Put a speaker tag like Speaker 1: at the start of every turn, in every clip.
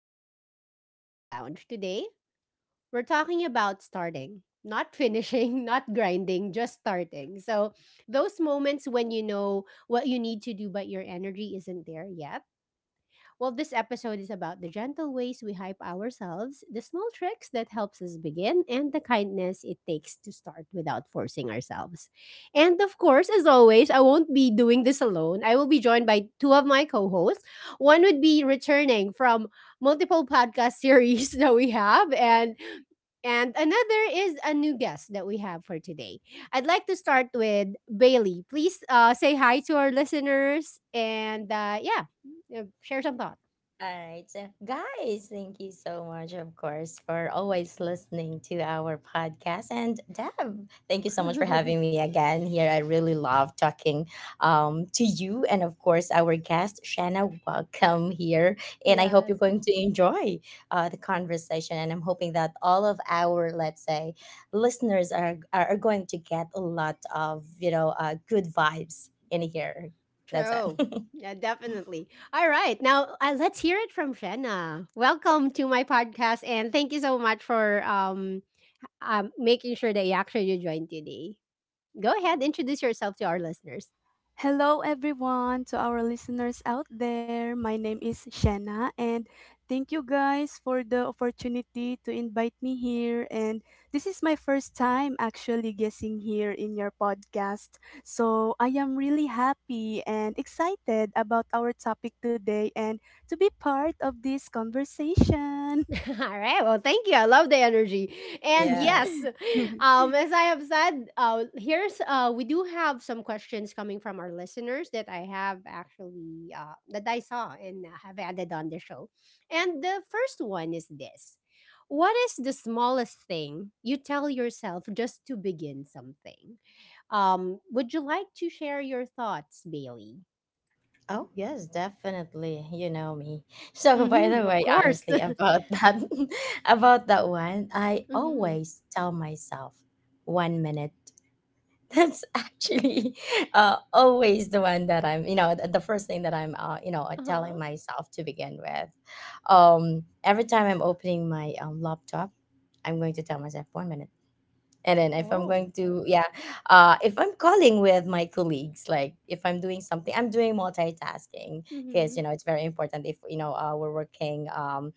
Speaker 1: Welcome back to Echo Lounge. Today, we're talking about starting, not finishing, not grinding, just starting. So, those moments when you know what you need to do, but your energy isn't there yet, well, this episode is about the gentle ways we hype ourselves, the small tricks that helps us begin, and the kindness it takes to start without forcing ourselves. And of course, as always, I won't be doing this alone. I will be joined by two of my co-hosts. One would be returning from multiple podcast series that we have, and another is a new guest that we have for today. I'd like to start with Bailey. Please say hi to our listeners and yeah, share some thoughts.
Speaker 2: All right. So, guys, thank you so much, of course, for always listening to our podcast. And Deb, thank you so much for having me again here. I really love talking to you and, of course, our guest, Shanna. Welcome here. And I hope you're
Speaker 1: Yes.
Speaker 2: going to enjoy the conversation. And I'm hoping that all of our, let's say, listeners are going to get a lot of, good vibes in here. That's
Speaker 1: True.
Speaker 2: it.
Speaker 1: Yeah, definitely. All right. Now, let's hear it from Shanna. Welcome to my podcast, and thank you so much for making sure that you actually joined today. Go ahead, introduce yourself to our listeners.
Speaker 3: Hello, everyone, to our listeners out there. My name is Shanna, and thank you guys for the opportunity to invite me here. And this is my first time actually guessing here in your podcast. So I am really happy and excited about our topic today and to be part of this conversation.
Speaker 1: All right. Well, thank you. I love the energy. And
Speaker 2: Yeah.
Speaker 1: yes, as I have said, here's we do have some questions coming from our listeners that I have actually that I saw and have added on the show. And the first one is this: what is the smallest thing you tell yourself just to begin something? Would you like to share your thoughts, Bailey?
Speaker 2: Oh, yes, definitely. You know me. So, by the
Speaker 1: Mm-hmm, of
Speaker 2: way,
Speaker 1: course.
Speaker 2: honestly, about that, about that one, I
Speaker 1: Mm-hmm.
Speaker 2: always tell myself 1 minute, that's actually always the one that I'm, you know, th- the first thing that I'm,
Speaker 1: Uh-huh.
Speaker 2: telling myself to begin with. Every time I'm opening my laptop, I'm going to tell myself 1 minute, and then if I'm
Speaker 1: Oh.
Speaker 2: going to yeah if I'm calling with my colleagues, like if I'm doing something, I'm doing multitasking, because
Speaker 1: Mm-hmm.
Speaker 2: it's very important. If you know, we're working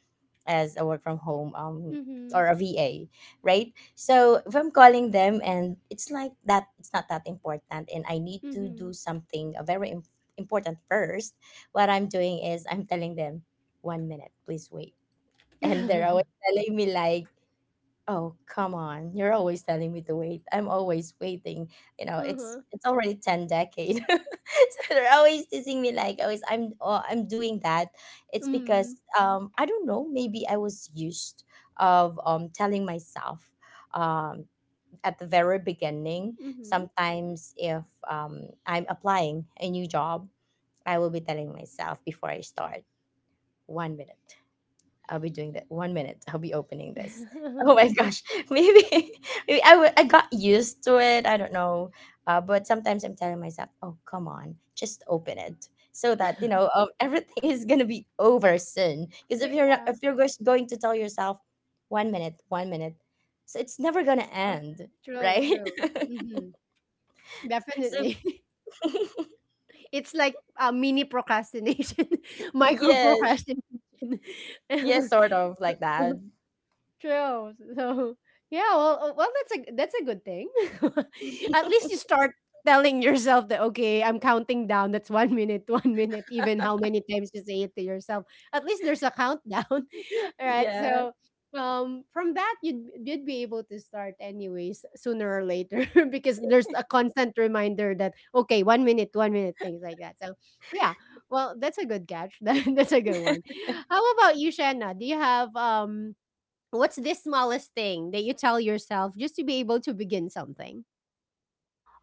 Speaker 2: as a work from home,
Speaker 1: Mm-hmm.
Speaker 2: or a VA, right? So if I'm calling them and it's like that, it's not that important, and I need to do
Speaker 1: Mhm.
Speaker 2: something very important first. What I'm doing is I'm telling them, 1 minute, please wait. And they're always telling me like, oh, come on. You're always telling me to wait. I'm always waiting. You know, it's
Speaker 1: Uh-huh.
Speaker 2: it's already 10 decade. So they're always teasing me like, always I'm, oh, I'm doing that. It's because
Speaker 1: Mm.
Speaker 2: I don't know, maybe I was used of telling myself, um at the very beginning,
Speaker 1: Mhm.
Speaker 2: sometimes if I'm applying a new job, I will be telling myself before I start, 1 minute. I'll be doing that. 1 minute, I'll be opening this. Oh my gosh, maybe, maybe I got used to it. I don't know, but sometimes I'm telling myself, "Oh, come on, just open it," so that everything is gonna be over soon. Because if you're not,
Speaker 1: Yeah.
Speaker 2: if you're just going to tell yourself, 1 minute, 1 minute, so it's never gonna
Speaker 1: Huh.
Speaker 2: end,
Speaker 1: True,
Speaker 2: right?
Speaker 1: true. Mhm.
Speaker 2: So
Speaker 1: Definitely. It's like a mini procrastination, micro
Speaker 2: yes,
Speaker 1: procrastination.
Speaker 2: yes, sort of like that.
Speaker 1: True. So yeah, well, well, that's a good thing. At least you start telling yourself that okay, I'm counting down. That's 1 minute, 1 minute. Even how many times you say it to yourself. At least there's a countdown. All right.
Speaker 2: Yeah,
Speaker 1: So from that you'd be able to start anyways sooner or later because there's a constant reminder that okay, 1 minute, 1 minute, things like that. So yeah, well, that's a good catch. That's a good one. How about you, Shanna? Do you have What's this smallest thing that you tell yourself just to be able to begin something?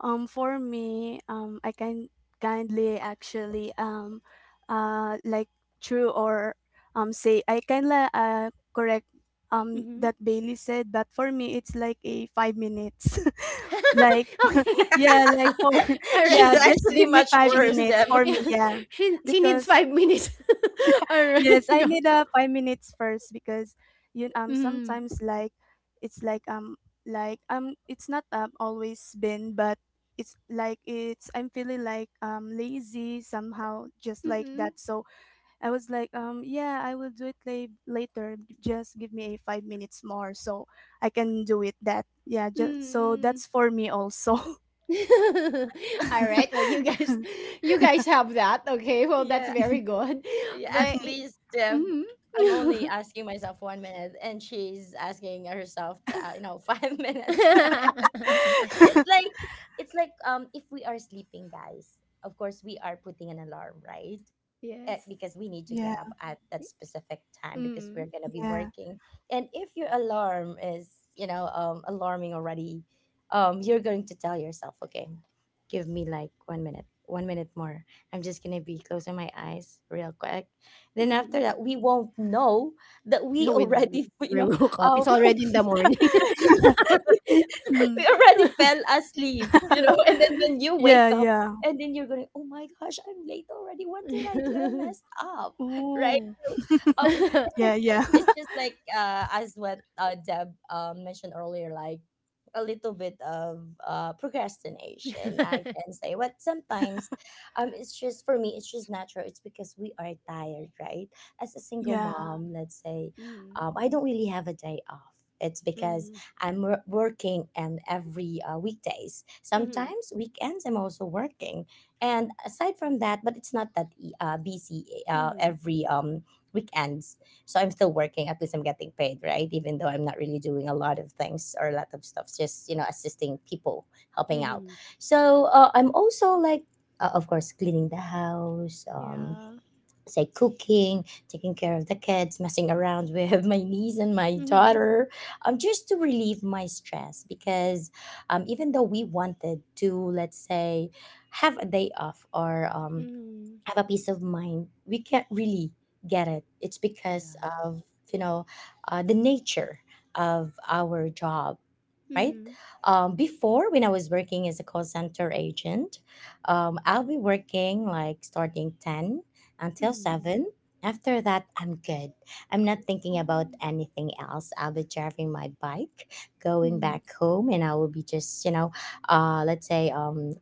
Speaker 3: I can kindly actually uh, like true or say I kindly correct
Speaker 1: Mm-hmm.
Speaker 3: that Bailey said, but for me it's like a 5 minutes. like
Speaker 1: Okay.
Speaker 3: yeah, like for
Speaker 1: All right.
Speaker 2: she's
Speaker 3: yeah, just
Speaker 2: actually
Speaker 3: give me
Speaker 2: much
Speaker 3: five
Speaker 1: She,
Speaker 2: worse
Speaker 3: minutes
Speaker 2: than.
Speaker 3: for
Speaker 1: yeah,
Speaker 3: me, yeah,
Speaker 1: she needs
Speaker 3: because
Speaker 1: 5 minutes. All
Speaker 3: yes,
Speaker 1: right.
Speaker 3: I
Speaker 1: Go.
Speaker 3: need 5 minutes first because you
Speaker 1: Mm,
Speaker 3: sometimes it's like um like it's not always been, but it's like it's I'm feeling like lazy somehow, just like
Speaker 1: mm-mm,
Speaker 3: that. So I was like yeah, I will do it later, just give me a 5 minutes more so I can do it that, yeah, just so
Speaker 1: mm.
Speaker 3: that's for me also.
Speaker 1: All right. Well, you guys have that. Okay. Well, that's
Speaker 2: Yeah,
Speaker 1: very good.
Speaker 2: yeah, at
Speaker 1: But it,
Speaker 2: least
Speaker 1: mm
Speaker 2: I'm only asking myself 1 minute, and she's asking herself to, 5 minutes, right? It's like, it's like, if we are sleeping, guys. Of course, we are putting an alarm, right?
Speaker 1: Yes.
Speaker 2: Because we need to
Speaker 3: Yeah,
Speaker 2: get up at that specific time, because
Speaker 1: Mm.
Speaker 2: we're going to be
Speaker 3: yeah.
Speaker 2: working. And if your alarm is, alarming already, you're going to tell yourself, okay, give me like 1 minute, 1 minute more. I'm just going to be closing my eyes real quick, then after
Speaker 1: Mm-hmm.
Speaker 2: that, we won't know that we
Speaker 1: With
Speaker 2: already
Speaker 1: where we woke up,
Speaker 2: um,
Speaker 1: it's already in the morning.
Speaker 3: Hmm.
Speaker 2: we already fell asleep, and then when you
Speaker 3: Yeah,
Speaker 2: wake up,
Speaker 3: yeah.
Speaker 2: and then you're going, oh my gosh, I'm late already. What did I do? I messed up, right?
Speaker 3: Oh,
Speaker 2: So, um,
Speaker 3: yeah, yeah.
Speaker 2: it's just like, as what Deb mentioned earlier, like a little bit of procrastination, I can say. But sometimes, it's just, for me, it's just natural. It's because we are tired, right? As a single
Speaker 3: Yeah.
Speaker 2: mom, let's say,
Speaker 1: Mm,
Speaker 2: I don't really have a day off. It's because
Speaker 1: mhm,
Speaker 2: I'm working and every weekdays.
Speaker 1: mhm,
Speaker 2: Sometimes weekends, I'm also working. And aside from that, but it's not that busy
Speaker 1: mhm,
Speaker 2: every weekends. So I'm still working. At least I'm getting paid, right? Even though I'm not really doing a lot of things or a lot of stuff, just assisting people, helping out.
Speaker 1: mhm.
Speaker 2: So I'm also like, of course, cleaning the house.
Speaker 1: Yeah.
Speaker 2: Say, cooking, taking care of the kids, messing around with my niece and my
Speaker 1: Mhm,
Speaker 2: daughter, just to relieve my stress. Because even though we wanted to, let's say, have a day off or
Speaker 1: mhm.
Speaker 2: have a peace of mind, we can't really get it. It's because
Speaker 1: Yeah.
Speaker 2: of, you know the nature of our job, right?
Speaker 1: Mhm,
Speaker 2: Before, when I was working as a call center agent, I'll be working like starting 10 until
Speaker 1: mhm,
Speaker 2: 7. After that, I'm good. I'm not thinking about
Speaker 3: Oh.
Speaker 2: anything else. I'll be driving my bike, going
Speaker 1: mhm,
Speaker 2: back home, and I will be just, let's say,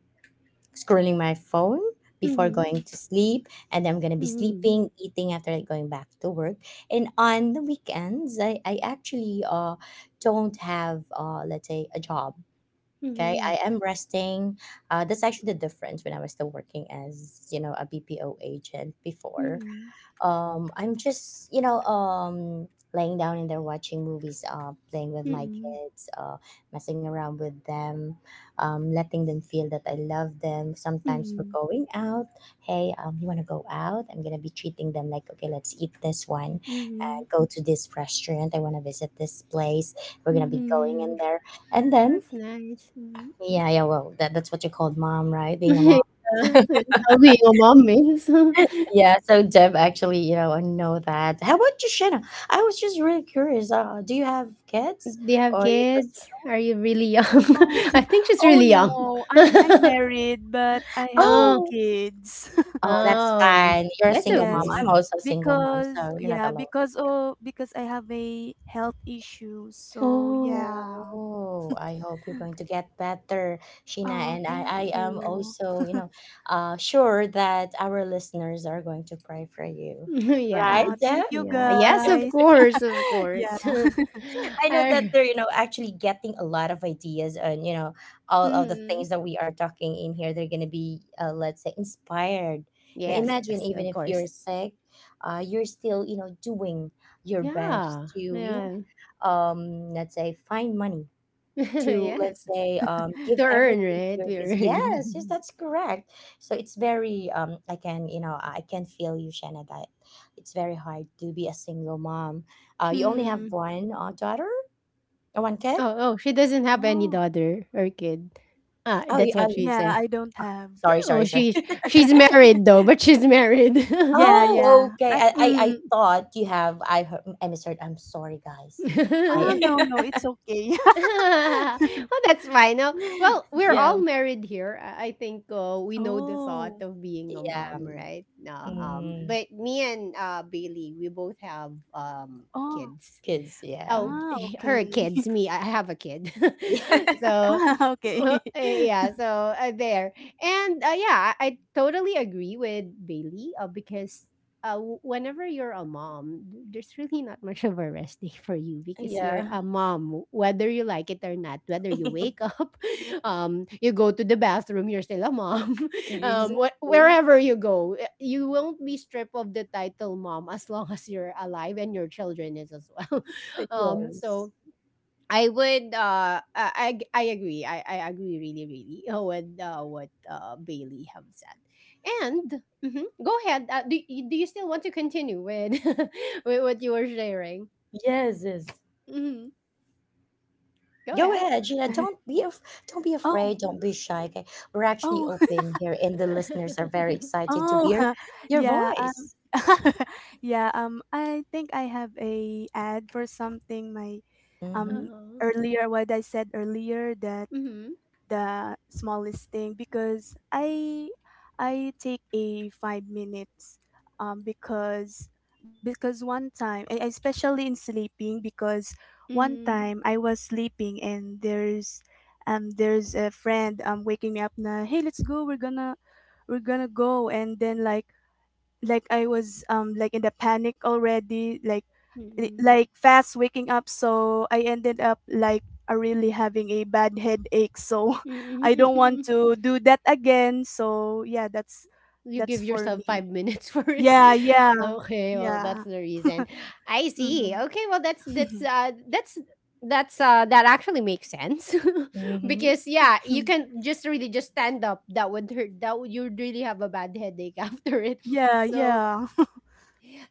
Speaker 2: scrolling my phone before
Speaker 1: mhm,
Speaker 2: going to sleep, and I'm going to be
Speaker 1: mhm,
Speaker 2: sleeping, eating, after going back to work. And on the weekends, I actually, don't have, let's say, a job. Okay,
Speaker 1: mhm,
Speaker 2: I am resting. That's actually the difference when I was still working as, a BPO agent before.
Speaker 1: mhm,
Speaker 2: I'm just, laying down in there, watching movies, playing with my
Speaker 1: mhm,
Speaker 2: kids, messing around with them, letting them feel that I love them. Sometimes we're
Speaker 1: mhm,
Speaker 2: going out, hey, you want to go out? I'm gonna be treating them like, okay, let's eat this one and
Speaker 1: mhm,
Speaker 2: go to this restaurant, I want to visit this place, we're gonna be going in
Speaker 1: mhm.
Speaker 2: there. And then,
Speaker 1: That's nice. Mhm.
Speaker 2: yeah, yeah, well, that's what you called mom, right? Being a mom.
Speaker 1: Yeah, that's how being a mom is.
Speaker 2: Yeah, so Deb, actually, I know that. How about you, Shanna? I was just really curious. Do you have kids,
Speaker 1: Do you have
Speaker 2: or you're just
Speaker 1: kids?
Speaker 2: single?
Speaker 1: Are you really young?
Speaker 3: Oh.
Speaker 1: I think she's
Speaker 3: Oh,
Speaker 1: really young.
Speaker 3: no, I'm married, but I have no
Speaker 1: Oh,
Speaker 2: Oh,
Speaker 3: kids.
Speaker 2: oh, that's
Speaker 1: oh,
Speaker 2: fine. You're a
Speaker 1: that's
Speaker 2: single mom.
Speaker 3: Yes,
Speaker 2: I'm
Speaker 1: okay.
Speaker 2: also a single mom,
Speaker 3: because,
Speaker 2: so you're not
Speaker 3: yeah,
Speaker 2: alone.
Speaker 3: because, oh, because I have a health issue. So
Speaker 1: Oh,
Speaker 3: yeah.
Speaker 2: Oh, I hope you're going to get better, Sheena.
Speaker 3: Oh,
Speaker 2: And I,
Speaker 3: thank
Speaker 2: I am
Speaker 3: you.
Speaker 2: also, sure that our listeners are going to pray for you,
Speaker 3: Oh,
Speaker 2: right,
Speaker 1: yeah,
Speaker 3: thank
Speaker 2: Deb?
Speaker 3: you
Speaker 1: yeah, yes,
Speaker 3: guys.
Speaker 1: of course, of
Speaker 3: Yeah.
Speaker 1: course.
Speaker 2: I know that
Speaker 1: I,
Speaker 2: they're, actually getting a lot of ideas on, all of the
Speaker 1: mm,
Speaker 2: things that we are talking in here. They're going to be, let's say, inspired.
Speaker 1: yes,
Speaker 2: Imagine,
Speaker 1: yes,
Speaker 2: even
Speaker 1: of
Speaker 2: if you're
Speaker 1: course.
Speaker 2: sick, you're still, doing your best
Speaker 1: Yeah,
Speaker 2: to,
Speaker 1: yeah,
Speaker 2: let's say, find money to, let's
Speaker 1: yes.
Speaker 2: say, give
Speaker 1: To earn,
Speaker 2: everything to
Speaker 1: right?
Speaker 2: your
Speaker 1: We
Speaker 2: kids. Yes, yes,
Speaker 1: earn.
Speaker 2: that's correct. So it's very, I can feel you, Shanna, that it's very hard to be a single mom. You only have
Speaker 1: Mm.
Speaker 2: one daughter? The one kid?
Speaker 1: Oh, oh, she doesn't have any
Speaker 3: Oh,
Speaker 1: daughter or kid. Ah,
Speaker 2: Oh, yeah.
Speaker 1: that's what
Speaker 2: Oh,
Speaker 1: she
Speaker 3: yeah.
Speaker 1: said.
Speaker 3: I don't have.
Speaker 2: sorry,
Speaker 1: Oh,
Speaker 2: sorry, sorry.
Speaker 1: she's married though, but she's married.
Speaker 3: Yeah,
Speaker 2: Oh,
Speaker 3: yeah.
Speaker 2: okay.
Speaker 3: I.
Speaker 2: I, I, I
Speaker 1: Mm.
Speaker 2: thought you have. I misheard. I'm sorry, guys.
Speaker 3: Oh,
Speaker 2: I,
Speaker 3: no, no, it's okay.
Speaker 1: Well, that's fine. No, well, we're
Speaker 2: yeah,
Speaker 1: all married here. I think we know the thought
Speaker 3: Oh.
Speaker 1: of being a
Speaker 2: yeah.
Speaker 1: mom, right? No,
Speaker 3: Mm.
Speaker 2: Mm,
Speaker 1: but me and Bailey, we both have
Speaker 3: Oh.
Speaker 1: kids.
Speaker 2: kids, yeah,
Speaker 1: Oh,
Speaker 3: Ah,
Speaker 1: her
Speaker 3: okay.
Speaker 1: kids, me. I have a kid,
Speaker 2: yeah,
Speaker 1: so
Speaker 3: Ah, okay.
Speaker 1: Yeah, so there. And yeah, I totally agree with Bailey because whenever you're a mom, there's really not much of a rest day for you because you're
Speaker 2: yeah.
Speaker 1: a mom, whether you like it or not, whether you wake up, you go to the bathroom, you're still a mom. Um,
Speaker 2: Exactly.
Speaker 1: wherever you go, you won't be stripped of the title mom as long as you're alive and your children is as well. Um,
Speaker 2: Yes.
Speaker 1: so I would I agree. I agree really really with what Bailey have said. And mhm, go ahead. Do you still want to continue with with what you were sharing?
Speaker 2: Yes, yes.
Speaker 1: Hmm, go
Speaker 2: Go
Speaker 1: ahead.
Speaker 2: ahead, Gina. Don't be
Speaker 3: Oh,
Speaker 2: afraid. Don't be shy. Okay, we're actually
Speaker 3: oh,
Speaker 2: open here, and the listeners are very excited to
Speaker 3: oh,
Speaker 2: hear your
Speaker 3: yeah,
Speaker 2: voice.
Speaker 3: yeah, I think I have a ad for something my,
Speaker 2: Mm-hmm.
Speaker 3: um,
Speaker 1: Uh-huh.
Speaker 3: earlier. What I said earlier, that
Speaker 1: Mhm.
Speaker 3: the smallest thing, because I take a 5 minutes because, one time, especially in sleeping, because one
Speaker 1: Mhm.
Speaker 3: time I was sleeping and there's a friend waking me up na, hey, let's go, we're gonna go. And then I was like in the panic already, like
Speaker 1: Mhm.
Speaker 3: like fast waking up. So I ended up like really having a bad headache. So I
Speaker 1: Mhm.
Speaker 3: don't want
Speaker 1: Mhm.
Speaker 3: to do that again. So yeah,
Speaker 1: You
Speaker 3: that's
Speaker 1: give
Speaker 3: for
Speaker 1: yourself five
Speaker 3: me.
Speaker 1: minutes for it.
Speaker 3: Yeah, yeah,
Speaker 1: Okay, well that's
Speaker 3: yeah.
Speaker 1: the reason. I see.
Speaker 3: Mm.
Speaker 1: Okay, well that's that's uh that's that's uh that actually makes sense
Speaker 2: Mm-hmm.
Speaker 1: because yeah you can just really just stand up, that would hurt, that would you really have a bad headache after it.
Speaker 3: Yeah,
Speaker 1: So
Speaker 3: yeah.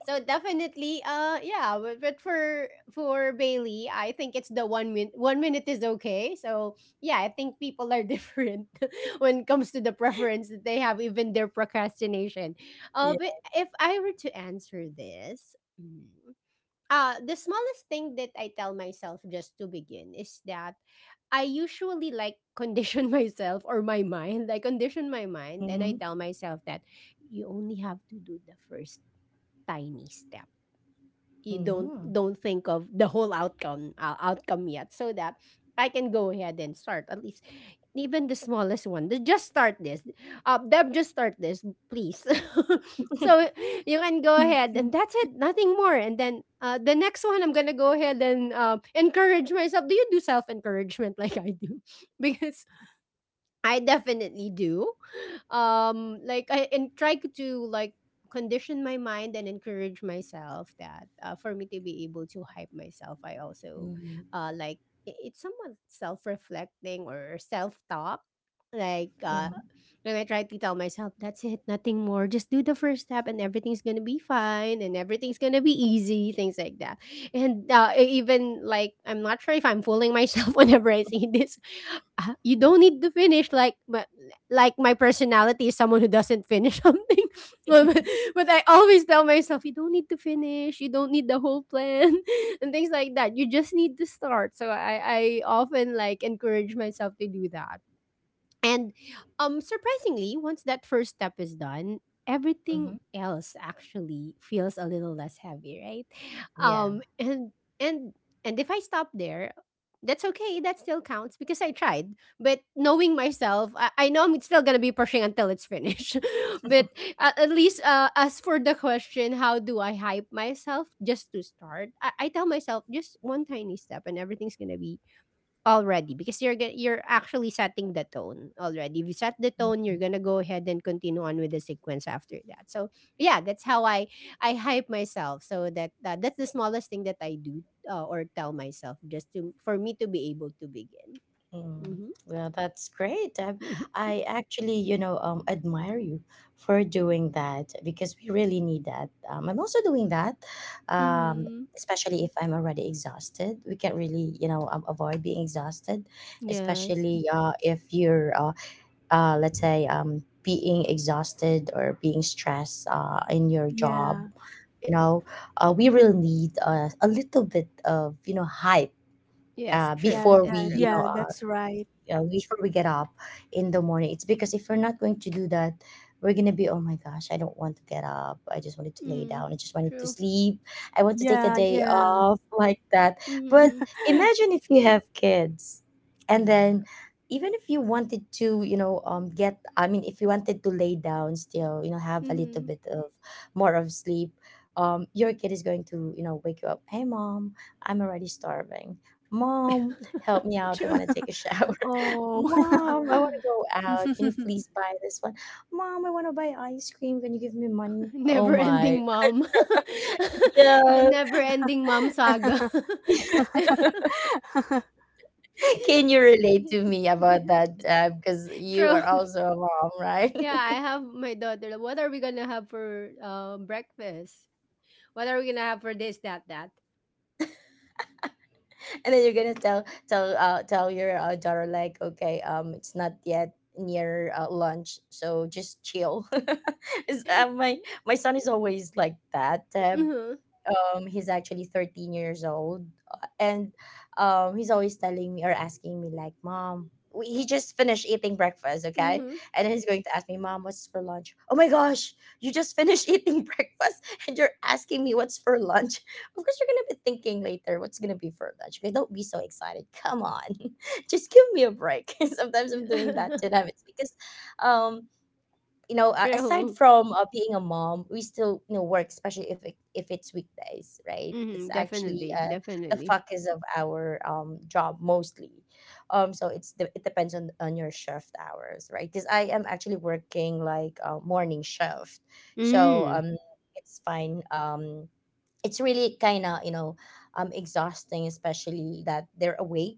Speaker 1: so definitely, yeah. But, for Bailey, I think it's the 1 minute. 1 minute is okay. So yeah, I think people are different when it comes to the preference that they have, even their procrastination. But
Speaker 2: Yeah.
Speaker 1: if I were to answer this, mm, the smallest thing that I tell myself just to begin is that I usually like condition myself or my mind. I condition my mind and I
Speaker 2: Mm-hmm.
Speaker 1: tell myself that you only have to do the first tiny step. You don't
Speaker 2: Mm-hmm.
Speaker 1: think of the whole outcome yet, so that I can go ahead and start. At least even the smallest one, just start this, Deb, just start this, please. So you can go ahead, and that's it, nothing more. And then the next one, I'm gonna go ahead and encourage myself. Do you do self encouragement like I do? Because I definitely do. Like I and try to like condition my mind and encourage myself that for me to be able to hype myself, I also
Speaker 2: Mhm,
Speaker 1: uh like it's somewhat self reflecting or self talk. Like
Speaker 2: mhm,
Speaker 1: when I try to tell myself, that's it, nothing more. Just do the first step, and everything's gonna be fine, and everything's gonna be easy, things like that. And even like, I'm not sure if I'm fooling myself whenever I say this, you don't need to finish like but like my personality is someone who doesn't finish something, but, but but I always tell myself you don't need to finish, you don't need the whole plan, and things like that, you just need to start. So I often like encourage myself to do that. And surprisingly, once that first step is done,
Speaker 2: mhm.
Speaker 1: everything else actually feels a little less heavy, right?
Speaker 2: Yeah.
Speaker 1: Um and and and if I stop there, that's okay. That still counts because I tried. But knowing myself, I know I'm still gonna be pushing until it's finished. But at least, as for the question, how do I hype myself just to start? I tell myself just one tiny step, and everything's gonna be already, because you're actually setting the tone already. If you set the tone, you're gonna go ahead and continue on with the sequence after that. So, yeah, that's how I hype myself, so that that's the smallest thing that I do, or tell myself just to for me to be able to begin.
Speaker 2: Mm.
Speaker 1: Mhm.
Speaker 2: Well, that's great. I actually, admire you for doing that, because we really need that. I'm also doing that, um,
Speaker 1: Mhm.
Speaker 2: especially if I'm already exhausted. We can't really, avoid being exhausted,
Speaker 1: Yes.
Speaker 2: especially, if you're, let's say, being exhausted or being stressed, in your job.
Speaker 3: Yeah.
Speaker 2: You know, we really need, a little bit of, hype,
Speaker 1: Yes,
Speaker 2: uh,
Speaker 1: true.
Speaker 3: Yeah,
Speaker 2: before we
Speaker 1: That's
Speaker 3: that,
Speaker 1: true.
Speaker 2: you know
Speaker 3: yeah, that's right.
Speaker 2: before we get up in the morning. It's because if we're not going to do that, we're gonna be, oh my gosh, I don't want to get up. I just wanted to lay down.
Speaker 1: Mm,
Speaker 2: I just wanted to
Speaker 1: true.
Speaker 2: sleep. I want to take a
Speaker 3: Yeah,
Speaker 2: day
Speaker 3: yeah.
Speaker 2: off like that. But
Speaker 1: Mhm.
Speaker 2: imagine if you have kids, and
Speaker 1: Yeah.
Speaker 2: then even if you wanted to, get. I mean, if you wanted to lay down still, have a little
Speaker 1: Mhm.
Speaker 2: bit of more of sleep. Your kid is going to, wake you up. Hey, mom, I'm already starving. Mom, help me out. I want
Speaker 1: True.
Speaker 2: to take a shower.
Speaker 3: Oh.
Speaker 2: Mom, I want to go out. Can you please buy this one? Mom, I want to buy ice cream. Can you give me money? Oh
Speaker 1: Never
Speaker 2: my.
Speaker 1: ending mom. The
Speaker 2: Yeah.
Speaker 1: never ending mom saga.
Speaker 2: Can you relate to me about that? Because you are
Speaker 1: True.
Speaker 2: also a mom, right?
Speaker 1: Yeah, I have my daughter. What are we gonna have for breakfast? What are we gonna have for this, that, that?
Speaker 2: And then you're gonna tell your daughter, like, okay, it's not yet near lunch, so just chill. It's, my son is always like that, Deb.
Speaker 1: Mm-hmm.
Speaker 2: He's actually 13 years old and he's always telling me or asking me like, mom, he just finished eating breakfast, okay,
Speaker 1: Mm-hmm.
Speaker 2: and then he's going to ask me, mom, what's for lunch? Oh my gosh, you just finished eating breakfast and you're asking me what's for lunch? Of course you're gonna be thinking later what's gonna be for lunch. Okay, don't be so excited, come on. Just give me a break. Sometimes I'm doing that to them. It's because um you know, aside
Speaker 1: True.
Speaker 2: from being a mom, we still, you know, work, especially if if it's weekdays, right? It's
Speaker 1: Mm-hmm.
Speaker 2: actually
Speaker 1: Definitely.
Speaker 2: the
Speaker 1: Definitely.
Speaker 2: focus of our job mostly. So it's it depends on your shift hours, right? Because I am actually working like a morning shift, so
Speaker 1: Mm.
Speaker 2: it's fine. It's really kind of, you know, exhausting, especially that they're awake.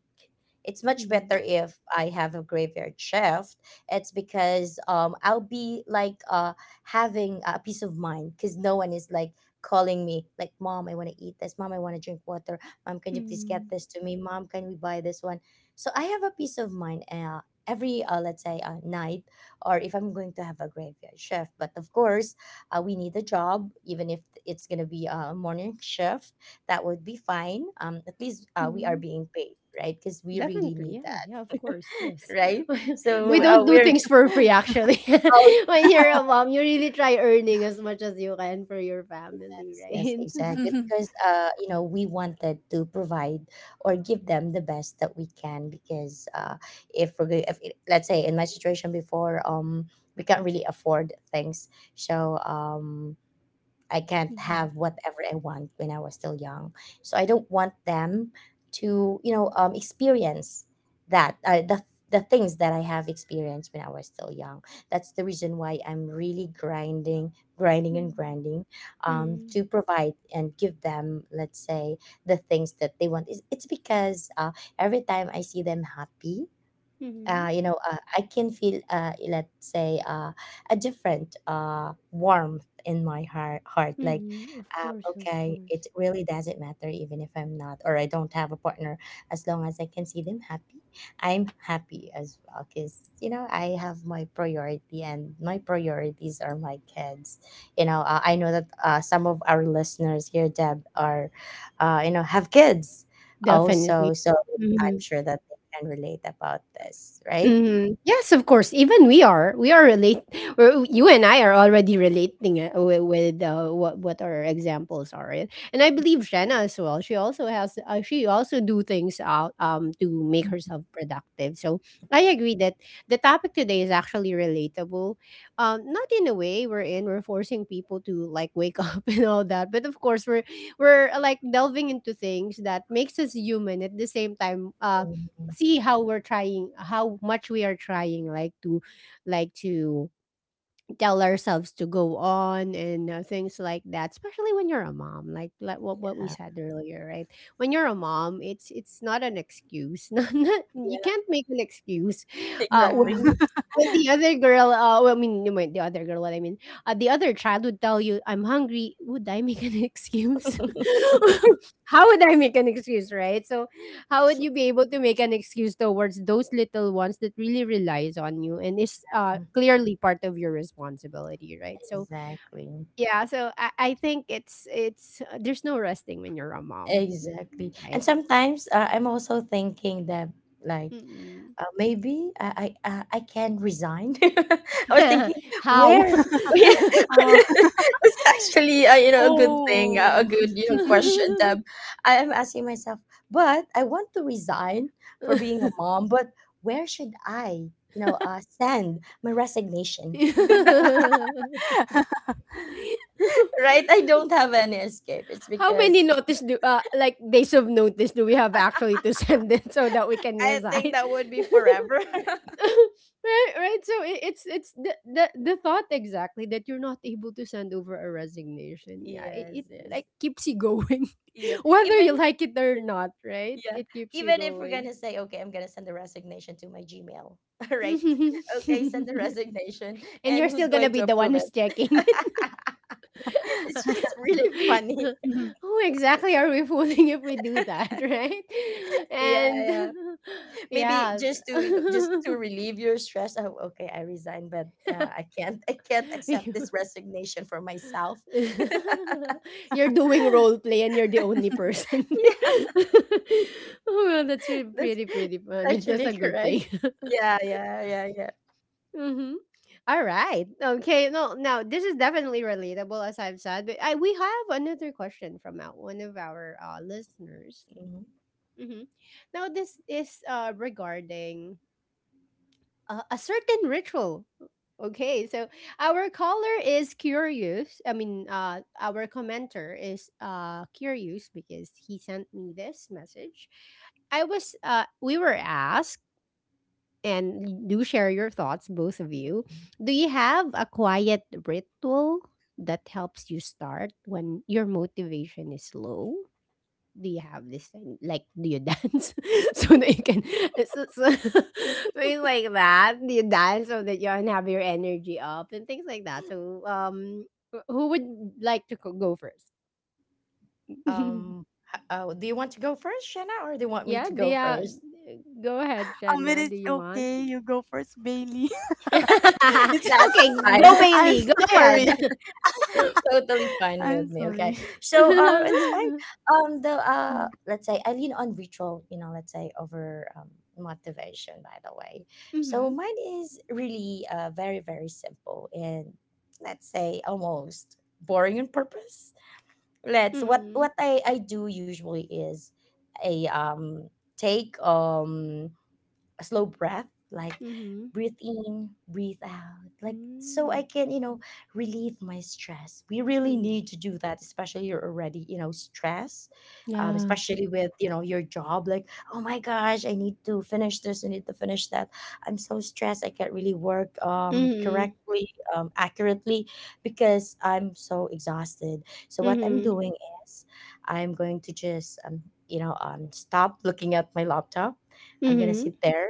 Speaker 2: It's much
Speaker 1: Mm-hmm.
Speaker 2: better if I have a graveyard shift. It's because I'll be like having a peace of mind, because no one is like calling me like, mom, I want to eat this, mom, I want to drink water, mom, can you please get
Speaker 1: Mm-hmm.
Speaker 2: this to me, mom, can we buy this one. So I have a peace of mind every let's say night, or if I'm going to have a graveyard shift. But of course we need a job, even if it's going to be a morning shift, that would be fine. At least we are being paid, right? Because we really
Speaker 1: Definitely,
Speaker 2: need
Speaker 1: yeah, yeah,
Speaker 2: that,
Speaker 1: of course, yes.
Speaker 2: right?
Speaker 1: We
Speaker 2: So
Speaker 1: don't
Speaker 3: Yeah.
Speaker 1: do things for free, actually.
Speaker 2: oh,
Speaker 1: When you're a mom, you really try earning as much as you can for your family,
Speaker 2: yes, yes,
Speaker 1: right?
Speaker 2: exactly. Because, you know, we wanted to provide or give them the best that we can, because if we're going, if it, let's say in my situation before, we can't really afford things. So, I can't have
Speaker 1: Mhm,
Speaker 2: whatever I want when I was still young. So I don't want them to, you know, experience that the things that I have experienced when I was still young. That's the reason why I'm really grinding, grinding and grinding,
Speaker 1: mhm,
Speaker 2: to provide and give them, let's say, the things that they want. It's because every time I see them happy,
Speaker 1: mhm, mhm,
Speaker 2: you know, I can feel, let's say, a different warmth in my heart. Heart, like,
Speaker 1: mhm, of course, of
Speaker 2: okay, it
Speaker 1: course,
Speaker 2: really doesn't matter even if I'm not, or I don't have a partner. As long as I can see them happy, I'm happy as well. Cause you know, I have my priority, and my priorities are my kids. You know, I know that some of our listeners here, Deb, are, you know, have kids
Speaker 1: definitely.
Speaker 2: also. So
Speaker 1: Mm-hmm.
Speaker 2: I'm sure that can relate about this, right?
Speaker 1: Mhm. Yes, of course. Even we are. We are relate. Or you and I are already relating it with what our examples are, right? And I believe Shanna as well. She also has. She also do things out to make herself productive. So I agree that the topic today is actually relatable. Not in a way we're in. We're forcing people to like wake up and all that, but of course we're like delving into things that makes us human at the same time.
Speaker 2: Mhm.
Speaker 1: See how we're trying, how much we are trying, like to like to tell ourselves to go on, and things like that, especially when you're a mom, like what we
Speaker 2: Yeah.
Speaker 1: said earlier, right? When you're a mom, it's not an excuse. not, not, You
Speaker 2: Yeah,
Speaker 1: can't make an excuse uh
Speaker 3: Yeah.
Speaker 2: exactly.
Speaker 1: when when the other girl well, I mean no, wait, the other girl what I mean the other child would tell you I'm hungry. Would I make an excuse? How would I make an excuse, right? So how would you be able to make an excuse towards those little ones that really relies on you and is clearly part of your responsibility, right? So
Speaker 2: Exactly.
Speaker 1: yeah, so I think it's there's no resting when you're a mom,
Speaker 2: Exactly.
Speaker 1: right?
Speaker 2: And sometimes I'm also thinking that, like,
Speaker 1: Mm-mm.
Speaker 2: maybe I can resign. I was thinking
Speaker 1: how
Speaker 2: where. Yeah,
Speaker 3: Oh.
Speaker 2: it's actually you know, a good thing, a
Speaker 3: Oh.
Speaker 2: good, you know, question that I am asking myself. But I want to resign for being a mom. But where should I, you know, send my resignation?
Speaker 3: Oh.
Speaker 2: Right? I don't have any escape. It's
Speaker 1: How many
Speaker 2: because
Speaker 1: notice do like days of notice do we have actually to send it so that we can
Speaker 2: I think
Speaker 1: resign?
Speaker 2: that would be forever.
Speaker 1: Right, right. So it's the, the thought exactly that you're not able to send over a resignation. Yeah,
Speaker 2: Yes.
Speaker 1: it
Speaker 2: Yes.
Speaker 1: like keeps you going,
Speaker 2: Yeah.
Speaker 1: whether you
Speaker 2: Even
Speaker 1: like it or not. Right,
Speaker 2: yeah.
Speaker 1: it keeps you
Speaker 2: Even if we're
Speaker 1: going.
Speaker 2: gonna say, okay, I'm gonna send the resignation to my Gmail. All right.
Speaker 1: And
Speaker 2: Okay, send the resignation. And
Speaker 1: you're
Speaker 2: who's
Speaker 1: still
Speaker 2: going
Speaker 1: gonna
Speaker 2: to
Speaker 1: be the one
Speaker 2: approve it?
Speaker 1: who's checking.
Speaker 2: It's just really funny.
Speaker 1: Who exactly are we fooling if we do that, right?
Speaker 2: Yeah,
Speaker 1: And
Speaker 2: yeah. Maybe
Speaker 1: yeah.
Speaker 2: just to, you know, just to relieve your stress. Oh, okay, I resign, but I can't, I can't accept
Speaker 1: You-
Speaker 2: this resignation for myself.
Speaker 1: you're doing role play and you're the only person.
Speaker 2: Yeah,
Speaker 1: Oh, well, that's
Speaker 2: that's
Speaker 1: pretty, pretty fun. That's
Speaker 2: actually
Speaker 1: a good
Speaker 2: correct.
Speaker 1: thing.
Speaker 2: Yeah, yeah, yeah, yeah.
Speaker 1: Hmm. All right. Okay. No, now this is definitely relatable, as I've said. But we have another question from out one of our listeners.
Speaker 2: Mhm.
Speaker 1: Mhm. Now this is regarding a certain ritual. Okay, so our caller is curious. I mean, our commenter is curious because he sent me this message. I was We were asked, and do share your thoughts, both of you. Do you have a quiet ritual that helps you start when your motivation is low? Do you have this thing? Like, do you dance so that you can so, so things like that? Do you dance so that you can have your energy up and things like that? So, who would like to go first?
Speaker 2: Um, do you want to go first, Shanna, or do you want me
Speaker 1: Yeah,
Speaker 2: to go first?
Speaker 1: go ahead,
Speaker 3: It
Speaker 1: Shanna.
Speaker 3: is
Speaker 1: Do you want?
Speaker 3: okay. You go first, Bailey. It's-
Speaker 2: That's
Speaker 1: Okay,
Speaker 2: fine.
Speaker 1: go
Speaker 3: I'm
Speaker 1: Bailey. Go
Speaker 3: sorry.
Speaker 1: ahead.
Speaker 2: Totally fine with
Speaker 3: I'm
Speaker 2: me. Okay.
Speaker 3: sorry.
Speaker 2: So that's fine.
Speaker 1: Mhm.
Speaker 2: The let's say I lean on ritual, you know, let's say over motivation by the way. So
Speaker 1: Mhm.
Speaker 2: mine is really very, very simple, and let's say almost boring on purpose. Let's what I do usually is a take a slow breath, like
Speaker 1: Mhm.
Speaker 2: breathe in, breathe out, like, so I
Speaker 1: Mm.
Speaker 2: can, you know, relieve my stress. We
Speaker 1: Mhm.
Speaker 2: really
Speaker 1: Mhm.
Speaker 2: need to do that, especially you're already, you know, stressed,
Speaker 1: Yeah.
Speaker 2: especially with, you know, your job. Like, oh my gosh, I need to finish this, I need to finish that. I'm so stressed. I can't really work
Speaker 1: Mhm.
Speaker 2: correctly, accurately, because I'm so exhausted. So what I'm
Speaker 1: Mhm.
Speaker 2: doing is, I'm going to just you know, stop looking at my laptop. I'm gonna
Speaker 1: Mhm.
Speaker 2: sit there,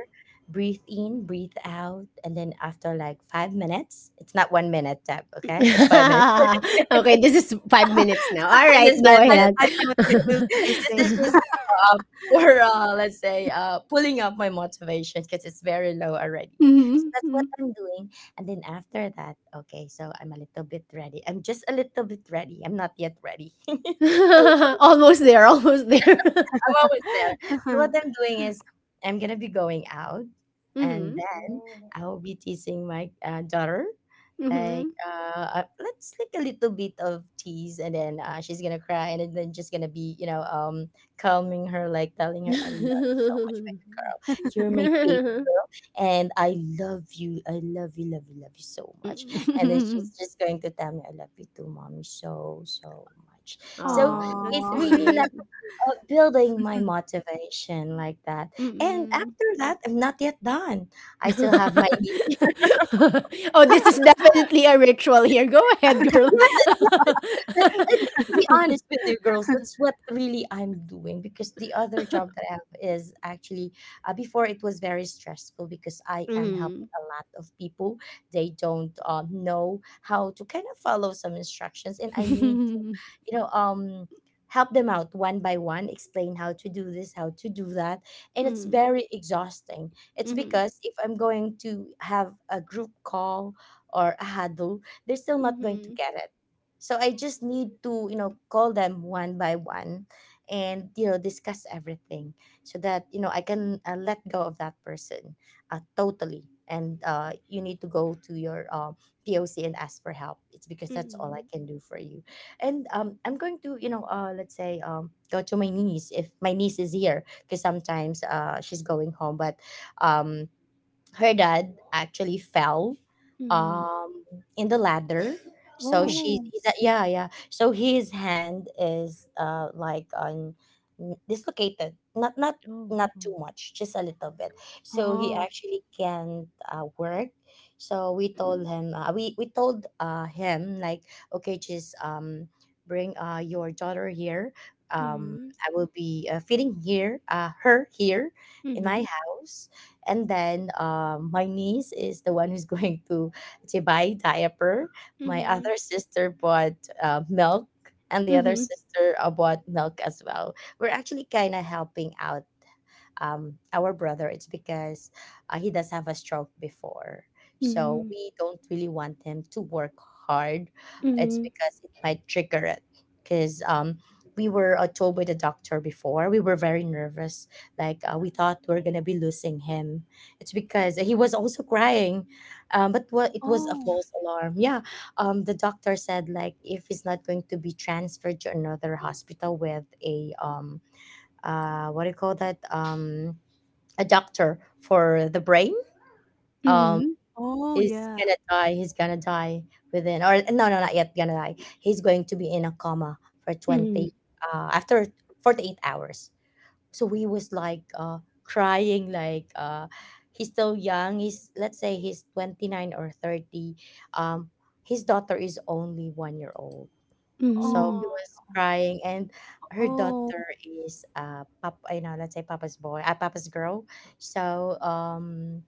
Speaker 2: breathe in, breathe out, and then after like 5 minutes, it's not one minute, Deb. Okay, it's 5 minutes.
Speaker 1: Okay, this is 5 minutes now.
Speaker 2: This
Speaker 1: Alright,
Speaker 2: is
Speaker 1: go
Speaker 2: five minutes.
Speaker 1: ahead.
Speaker 3: I thought it will be the
Speaker 2: This is
Speaker 3: same.
Speaker 2: just uh, for let's say pulling up my motivation, because it's very low already. So
Speaker 1: Mhm,
Speaker 2: that's what
Speaker 1: mm.
Speaker 2: I'm doing. And then after that, okay, so I'm a little bit ready. I'm just a little bit ready. I'm not yet ready totally.
Speaker 1: Almost there, almost there.
Speaker 2: I'm always there. So what I'm doing is I'm gonna be going out, and
Speaker 1: Mhm,
Speaker 2: then I will be teasing my daughter. Like
Speaker 1: mhm.
Speaker 2: uh, uh, let's, like, a little bit of tease, and then she's gonna cry, and then just gonna be, you know, calming her, like telling her I love you so much, babe. You're my babe, and I love you. I love you, love you, love you so much. And then she's just going to tell me I love you too, mommy, so so much. So
Speaker 1: Aw,
Speaker 2: it
Speaker 1: that's
Speaker 3: Oh.
Speaker 2: really, like,
Speaker 1: sweet.
Speaker 2: building my motivation like that. And
Speaker 1: Mm-mm.
Speaker 2: after that, I'm not yet done. I still have my
Speaker 1: Oh, this is definitely a ritual here. Go ahead, girl.
Speaker 2: Yes, it's- but to be honest with you, girls, that's what really I'm doing, because the other job that I have is actually before, it was very stressful because I am helping
Speaker 1: Mhm.
Speaker 2: a lot of people. They don't know how to kind of follow some instructions, and I need to, you know, help them out one by one, explain how to do this, how to do that, and it's
Speaker 1: Mhm,
Speaker 2: very exhausting. It's
Speaker 1: mhm.
Speaker 2: because if I'm going to have a group call or a huddle, they're still not going to
Speaker 1: Mhm,
Speaker 2: get it. So I just need to, you know, call them one by one and, you know, discuss everything, so that, you know, I can let go of that person totally. And you need to go to your POC and ask for help. It's because that's all I
Speaker 1: mm.
Speaker 2: can do for you. And I'm going to, you know, let's say, go to my niece if my niece is here, because sometimes she's going home. But um, her dad actually fell
Speaker 1: Mm.
Speaker 2: um in the ladder, so
Speaker 1: Oh,
Speaker 2: she
Speaker 3: Oh.
Speaker 2: he's yeah, yeah, so his hand is like on dislocated,
Speaker 1: oh,
Speaker 2: not
Speaker 1: oh.
Speaker 2: too much, just a little bit, so he
Speaker 3: Oh.
Speaker 2: actually can't work. So we told him, we told him, like, okay, just bring your daughter here,
Speaker 1: Mhm,
Speaker 2: I will be feeding her here in my
Speaker 1: mhm,
Speaker 2: house, and then my niece is the one who's going to buy diaper, my
Speaker 1: mhm,
Speaker 2: other sister bought milk, and the other
Speaker 1: mhm,
Speaker 2: sister bought milk as well. We're actually kind of helping out our brother, it's because he does have a stroke before. So
Speaker 1: mhm,
Speaker 2: we don't really want him to work hard. It's
Speaker 1: mhm,
Speaker 2: because it might trigger it. Because we were told by the doctor before, we were very nervous. Like we thought we are gonna be losing him. It's because he was also crying, um, it was a
Speaker 3: Oh.
Speaker 2: false alarm. Yeah, the doctor said, like, if he's not going to be transferred to another hospital with a what do you call that? A doctor for the brain. Um,
Speaker 1: mhm,
Speaker 3: Oh,
Speaker 2: he's
Speaker 3: yeah.
Speaker 2: gonna die. He's gonna die within, or no, no, not yet gonna die. He's going to be in a coma for twenty
Speaker 1: mhm,
Speaker 2: after 48 hours. So he was like crying, like he's still young. He's, let's say, he's 29 or 30. Um, his daughter is only 1 year old. So he
Speaker 1: mhm,
Speaker 3: Oh.
Speaker 2: was crying, and her
Speaker 3: Oh,
Speaker 2: daughter is you know, let's say, papa's boy, papa's girl. So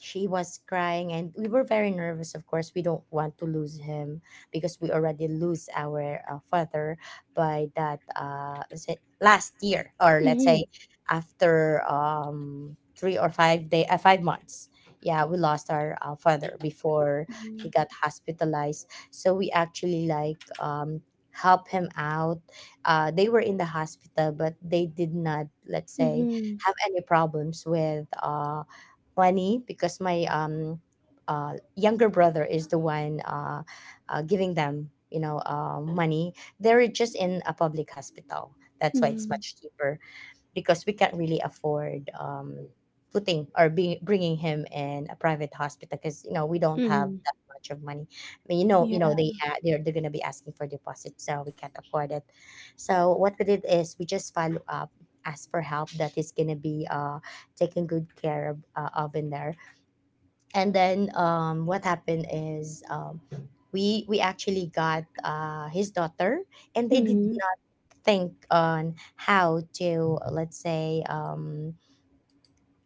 Speaker 2: she was crying, and we were very nervous. Of course we don't want to lose him, because we already lose our father by that is it last year, or let's say
Speaker 1: mhm,
Speaker 2: after three or five day 5 months, yeah, we lost our father before. He got hospitalized, so we actually like help him out. They were in the hospital, but they did not, let's say,
Speaker 1: mhm,
Speaker 2: have any problems with funny, because my younger brother is the one giving them, you know, money. They're just in a public hospital, that's why it's
Speaker 1: mhm,
Speaker 2: much cheaper, because we can't really afford putting or being, bringing him in a private hospital, because, you know, we don't
Speaker 1: mhm,
Speaker 2: have
Speaker 1: mhm,
Speaker 2: that much of money. I mean, you know, you
Speaker 3: yeah.
Speaker 2: know they're gonna be asking for deposits, so we can't afford it. So what we did is we just follow up, ask for help that is gonna be taken good care of in there. And then what happened is we actually got his daughter, and
Speaker 1: mhm,
Speaker 2: they did
Speaker 1: mhm,
Speaker 2: think on how to, let's say,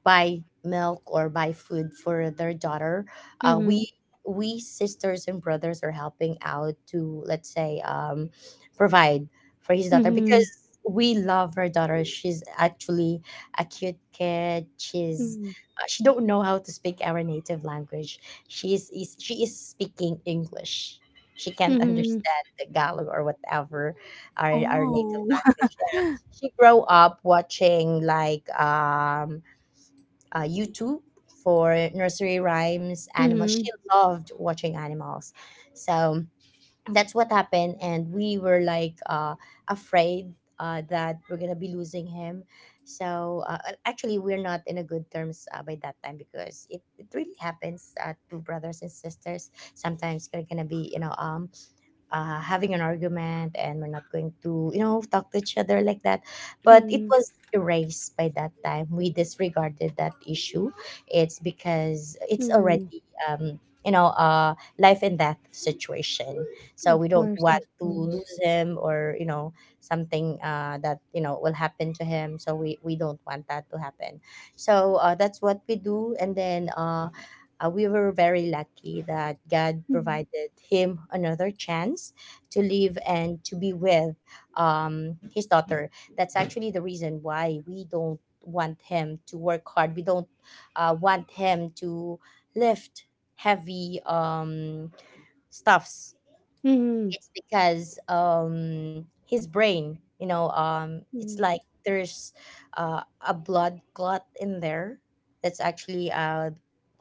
Speaker 2: buy milk or buy food for their daughter. Uh,
Speaker 1: mhm,
Speaker 2: we we sisters and brothers are helping out to, let's say, provide for his daughter because
Speaker 1: mhm,
Speaker 2: we love her daughter. She's actually a cute kid. She don't know how to speak our native language. She is speaking English. She can't
Speaker 1: mhm,
Speaker 2: understand the Tagalog or whatever our native
Speaker 3: Oh.
Speaker 2: language. Yeah. She grow up watching like YouTube for nursery rhymes, animals.
Speaker 1: mhm,
Speaker 2: She loved watching animals. So that's what happened. And we were like afraid that we're going to be losing him. So actually, we're not in a good terms by that time because it really happens to brothers and sisters. Sometimes they're going to be, having an argument, and we're not going to talk to each other like that, but it
Speaker 1: mhm,
Speaker 2: was erased. By that time we disregarded that issue, it's because it's already,
Speaker 1: mhm.
Speaker 2: um, a life and death situation. So
Speaker 1: Of
Speaker 2: we don't
Speaker 1: course,
Speaker 2: want
Speaker 1: of
Speaker 2: to
Speaker 1: course.
Speaker 2: lose him, or, something that will happen to him, so we don't want that to happen. So that's what we do. And then we were very lucky that God
Speaker 1: Mhm,
Speaker 2: provided him another chance to live and to be with, his daughter. That's actually the reason why we don't want him to work hard. We don't want him to lift heavy stuffs.
Speaker 1: mhm,
Speaker 2: It's because his brain, it's
Speaker 1: mhm,
Speaker 2: like there's uh, a blood clot in there. That's actually uh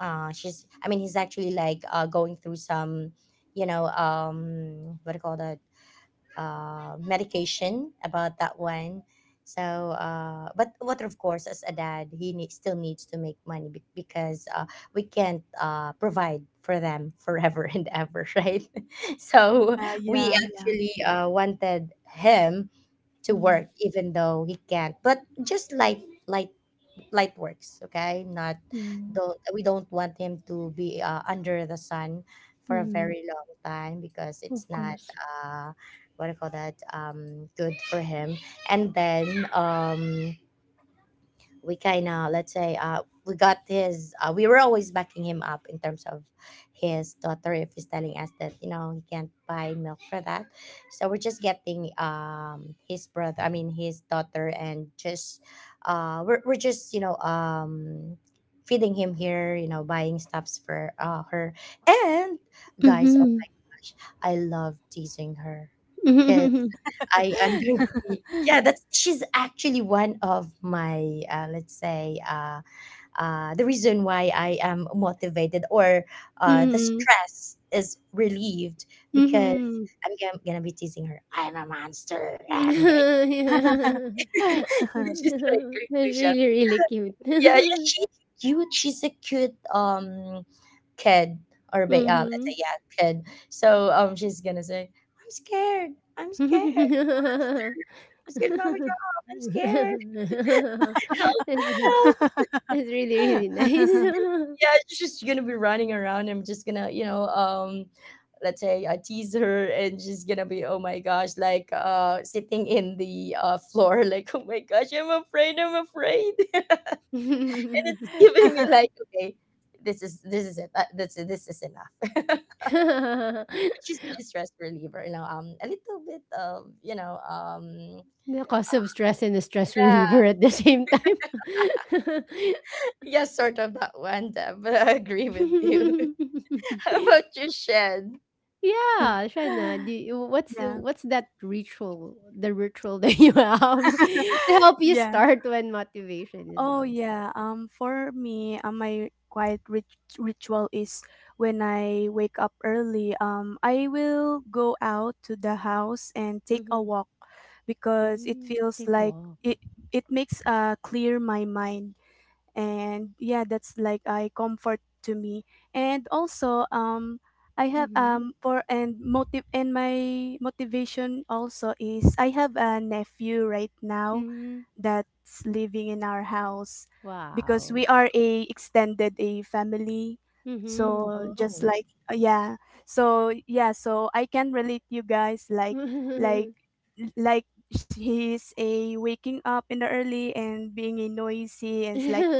Speaker 2: uh she's I mean, he's actually like going through some, you know um what do you call that, medication about that one. So, but what of course, as a dad, still needs to make money because we can't provide for them forever and ever, right? So
Speaker 3: Yeah,
Speaker 2: we
Speaker 3: yeah, yeah.
Speaker 2: actually wanted him to
Speaker 1: mhm,
Speaker 2: work even though he can't, but just light light works. Okay, not
Speaker 1: mhm,
Speaker 2: don't we don't want him to be under the sun for a
Speaker 1: mhm.
Speaker 2: very long time, because
Speaker 1: Of
Speaker 2: it's not
Speaker 1: course.
Speaker 2: what do you call that, good for him. And then we kind of, let's say, we got his we were always backing him up in terms of his daughter. If he's telling us that he can't buy milk for that, so we're just getting his brother I mean, his daughter, and just we're just feeding him here, buying stuffs for her. And, guys, oh
Speaker 1: Mhm.
Speaker 2: my gosh, I love teasing her, because
Speaker 1: Mhm.
Speaker 2: I'm going to be, yeah. That's She's actually one of my, let's say, the reason why I am motivated, or the
Speaker 1: Mhm.
Speaker 2: stress is relieved, because
Speaker 1: Mhm.
Speaker 2: I'm gonna be teasing her. I'm a monster. I'm gonna
Speaker 1: Yeah.
Speaker 2: she's like going to
Speaker 1: That's
Speaker 2: shout.
Speaker 1: really, really cute.
Speaker 2: Yeah, yeah, she's cute. She's a cute kid, let's
Speaker 1: Mm-hmm.
Speaker 2: say, yeah, kid. So she's gonna say, I'm scared. I'm scared. What's getting wrong with your arm? I'm scared. Help,
Speaker 1: It's
Speaker 2: help.
Speaker 1: it's really, really nice.
Speaker 2: Yeah, she's just gonna be running around. I'm just gonna, let's say I tease her, and she's gonna be, oh my gosh, like sitting in the floor, like, oh my gosh, I'm afraid, I'm afraid. And it's giving me like, okay, this is it. This is enough. But she's my stress reliever, a little bit of,
Speaker 1: The cause of stress and a stress
Speaker 2: yeah,
Speaker 1: reliever at the same time.
Speaker 2: yeah, sort of that one, Deb, but I agree with you. How about your shed?
Speaker 1: Yeah, Shana,
Speaker 3: Yeah.
Speaker 1: what's that ritual, the ritual that you have to help you
Speaker 3: Yeah.
Speaker 1: start when motivation is
Speaker 3: Oh
Speaker 1: low?
Speaker 3: yeah, for me, my quiet ritual is when I wake up early, I will go out to the house and take a
Speaker 1: Mm-hmm.
Speaker 3: walk because it
Speaker 1: Mm-hmm.
Speaker 3: feels
Speaker 1: Take a
Speaker 3: like
Speaker 1: walk.
Speaker 3: it it makes clear my mind. And yeah, that's like a comfort to me. And also I have
Speaker 1: Mm-hmm.
Speaker 3: for and motive and my motivation also is I have a nephew right now
Speaker 1: Mm-hmm.
Speaker 3: that's living in our house, because
Speaker 1: Wow.
Speaker 3: we are a extended a family.
Speaker 1: Mm-hmm.
Speaker 3: So just
Speaker 2: Oh,
Speaker 3: like yeah, so yeah, so I can relate you guys, like like he's a waking up in the early and being a noisy. And it's like,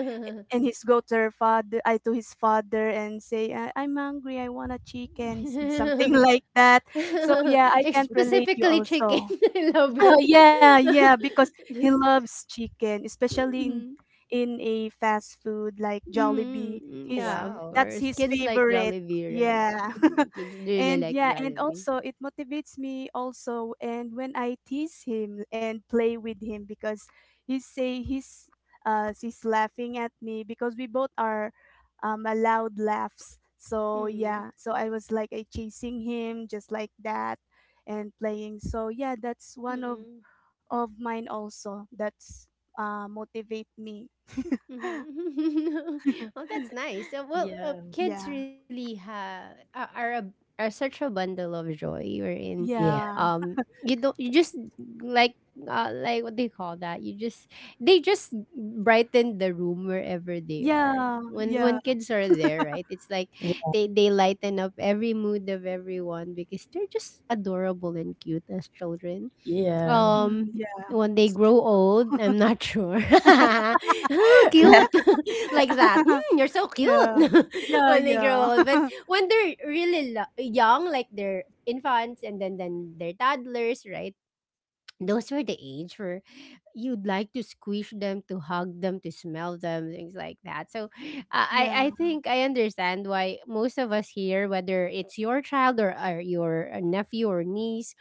Speaker 3: and he's go to her father, I to his father, and say, "I- I'm hungry, I want a chicken s- something" like that. So yeah, I can't relate you
Speaker 1: Specifically chicken.
Speaker 3: also.
Speaker 1: I love it.
Speaker 3: Oh, yeah, yeah, because he loves chicken, especially in
Speaker 1: Mm-hmm.
Speaker 3: a fast food like Jollibee.
Speaker 1: Mm-hmm.
Speaker 3: He's,
Speaker 1: Yeah, of
Speaker 2: wow.
Speaker 3: that's
Speaker 1: course.
Speaker 3: his
Speaker 1: Kids like
Speaker 3: favorite.
Speaker 1: Jollibee, right?
Speaker 3: Yeah.
Speaker 1: Mm. Kids really
Speaker 3: And
Speaker 1: like
Speaker 3: yeah, and
Speaker 1: Jollibee.
Speaker 3: also it motivates me also, and when I tease him and play with him, because he say he's he's laughing at me because we both are allowed laughs. So
Speaker 1: Mm.
Speaker 3: yeah, so I was like I chasing him just like that and playing. So yeah, that's one of
Speaker 1: Mm-mm.
Speaker 3: mine also, that's motivate me.
Speaker 1: Mhm. Well, that's nice. Well,
Speaker 2: Yeah.
Speaker 1: kids
Speaker 3: Yeah.
Speaker 1: really have are, a, are such a bundle of joy. You're in,
Speaker 2: Yeah.
Speaker 3: Yeah.
Speaker 1: um, you don't you just like, what do you call that? You just They just brighten the room wherever they are.
Speaker 3: Yeah.
Speaker 1: When
Speaker 3: Yeah.
Speaker 1: when kids are there, right? It's like they lighten up every mood of everyone because they're just adorable and cute as children.
Speaker 2: Yeah.
Speaker 3: Mm, yeah.
Speaker 1: When they
Speaker 3: It's
Speaker 1: grow
Speaker 3: true.
Speaker 1: old, I'm not sure. "Huh,
Speaker 2: Yeah.
Speaker 1: cute," like that. Hmm, you're so cute,
Speaker 3: Yeah. Yeah,
Speaker 1: when they
Speaker 3: yeah.
Speaker 1: grow old. But when they're really young, like they're infants and then they're toddlers, right? Those were the age where you'd like to squish them, to hug them, to smell them, things like that. So, I I
Speaker 3: Yeah.
Speaker 1: I think I understand why most of us here, whether it's your child or your nephew or niece,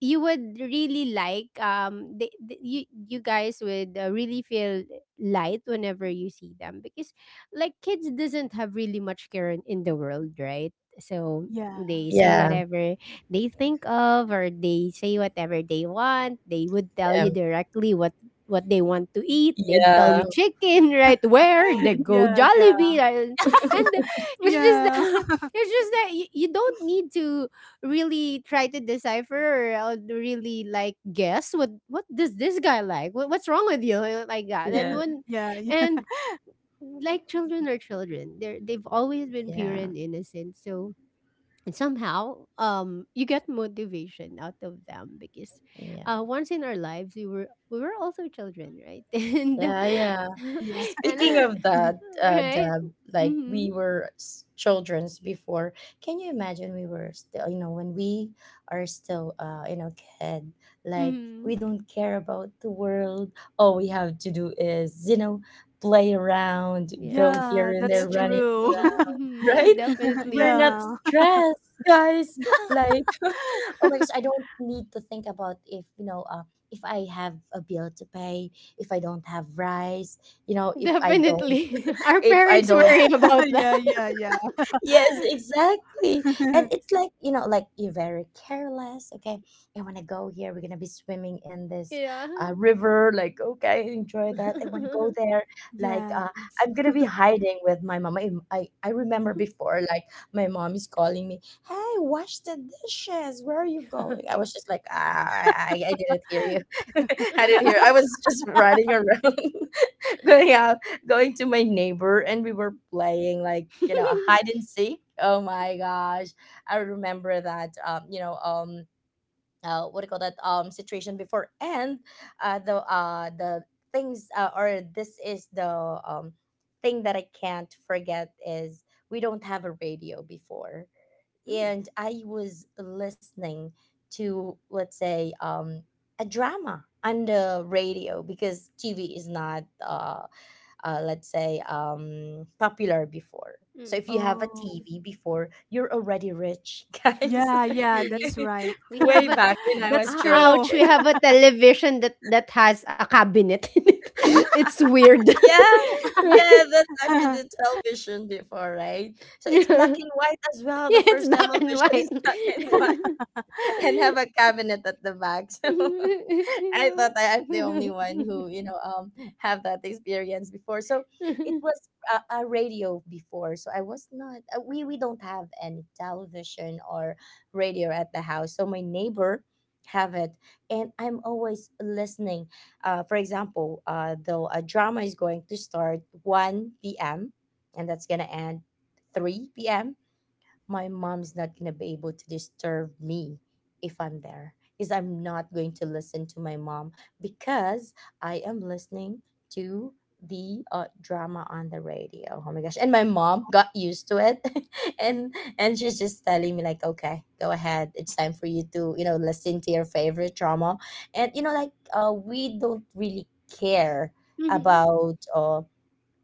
Speaker 1: you would really like, you guys would really feel light whenever you see them, because like kids doesn't have really much care in the world, right? So
Speaker 3: Yeah.
Speaker 1: they say
Speaker 2: Yeah. Yeah.
Speaker 1: whatever they think of, or they say whatever they want. They would tell you
Speaker 2: Um,
Speaker 1: directly what they want to eat. They'd tell you
Speaker 2: Yeah.
Speaker 1: chicken, right? Where they go?
Speaker 3: Yeah, yeah.
Speaker 1: Jollibee, right? And it's just
Speaker 3: Yeah.
Speaker 1: that, it's just that you don't need to really try to decipher, or I'll really like guess what does this guy like, what's wrong with you? Like that. And
Speaker 2: Yeah.
Speaker 1: when,
Speaker 3: Yeah, yeah.
Speaker 1: and like children are children, they've always been pure
Speaker 2: Yeah.
Speaker 1: and innocent. So, and somehow, you get motivation out of them because
Speaker 2: Yeah.
Speaker 1: once in our lives we were, we were also children, right? And
Speaker 2: Yeah, yeah.
Speaker 1: and
Speaker 3: Yeah.
Speaker 2: Speaking
Speaker 1: I,
Speaker 2: of that,
Speaker 1: right.
Speaker 2: Deb, like
Speaker 1: Mm-hmm,
Speaker 2: we were childrens before. Can you imagine we were still, when we are still, kid, like
Speaker 1: mm-hmm.
Speaker 2: we don't care about the world. All we have to do is, play around, go
Speaker 1: Yes,
Speaker 3: Yeah,
Speaker 2: here and
Speaker 3: that's
Speaker 2: there, running,
Speaker 3: true.
Speaker 1: definitely, mm-hmm,
Speaker 2: right?
Speaker 1: definitely.
Speaker 2: We're not
Speaker 3: Yeah.
Speaker 2: stressed, guys. Like, oh my gosh, I don't need to think about, if, if I have a bill to pay, if I don't have rice, if I don't,
Speaker 1: Definitely. Our
Speaker 2: if I
Speaker 1: parents
Speaker 2: don't
Speaker 1: worry about that.
Speaker 3: Yeah, yeah, yeah.
Speaker 2: Yes, exactly. And it's like, like you're very careless. Okay. I want to go here. We're going to be swimming in this
Speaker 1: Yeah.
Speaker 2: river. Like, okay, enjoy that. I want to go there. Like,
Speaker 3: Yeah.
Speaker 2: I'm going to be hiding with my mom. I remember before, like, my mom is calling me, hey, wash the dishes. Where are you going? I was just like, I didn't hear you. I didn't hear. I was just running around. Going out, going to my neighbor, and we were playing like, a hide and seek. Oh my gosh, I remember that. What do you call that? Situation before, and the the things, or, this is the thing that I can't forget is, we don't have a radio before,
Speaker 1: Mm,
Speaker 2: and I was listening to, let's say, a drama on the radio, because TV is not let's say, popular before. So if you
Speaker 1: mm.
Speaker 2: have a
Speaker 3: Oh.
Speaker 2: TV before, you're already rich. Guys,
Speaker 3: Yeah, yeah,
Speaker 1: Really,
Speaker 3: that's right.
Speaker 1: we have
Speaker 2: way
Speaker 1: a,
Speaker 2: back when I was
Speaker 3: That's
Speaker 1: ah,
Speaker 2: still a
Speaker 3: true.
Speaker 1: ouch. We
Speaker 2: kid.
Speaker 1: have a television that has a cabinet in it. It's weird.
Speaker 2: Yeah, yeah, that's actually the television before, right? So it's
Speaker 1: Yeah,
Speaker 2: black and white as well. The
Speaker 1: it's
Speaker 2: first
Speaker 1: black and
Speaker 2: television
Speaker 1: white.
Speaker 2: is black and white and have a cabinet at the back. So I thought I,
Speaker 1: Yeah.
Speaker 2: I'm the only one who, have that experience before. So it was a radio before, so I was not. We don't have any television or radio at the house, so my neighbor have it, and I'm always listening, for example, though a drama is going to start 1 p.m. and that's gonna end 3 p.m. My mom's not going to be able to disturb me. If I'm there, is I'm not going to listen to my mom, because I am listening to the drama on the radio. Oh my gosh. And my mom got used to it, and and she's just telling me like, "Okay, go ahead. It's time for you to, listen to your favorite drama." And like we don't really care
Speaker 1: Mhm.
Speaker 2: about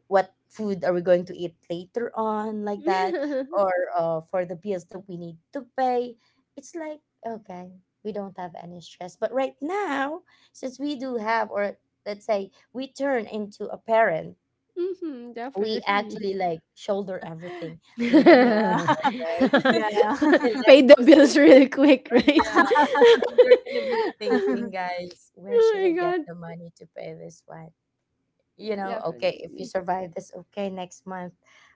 Speaker 2: what food are we going to eat later on, like that, or for the bills that we need to pay. It's like, okay, we don't have any stress, but right now, since we do have, or, let's say, we turn into a parent,
Speaker 1: Mhm,
Speaker 2: we
Speaker 1: definitely.
Speaker 2: actually like shoulder everything. We need to
Speaker 3: Yeah,
Speaker 2: pay the bills, right?
Speaker 3: yeah,
Speaker 1: Pay the bills
Speaker 2: Electricity,
Speaker 1: real quick,
Speaker 2: oh,
Speaker 1: right?
Speaker 2: yeah, and they're gonna be thinking, guys, where
Speaker 1: Oh
Speaker 2: should I
Speaker 1: my
Speaker 2: get
Speaker 1: god.
Speaker 2: the money to pay this one? Okay, if you
Speaker 1: Definitely.
Speaker 2: survive this, okay, next month,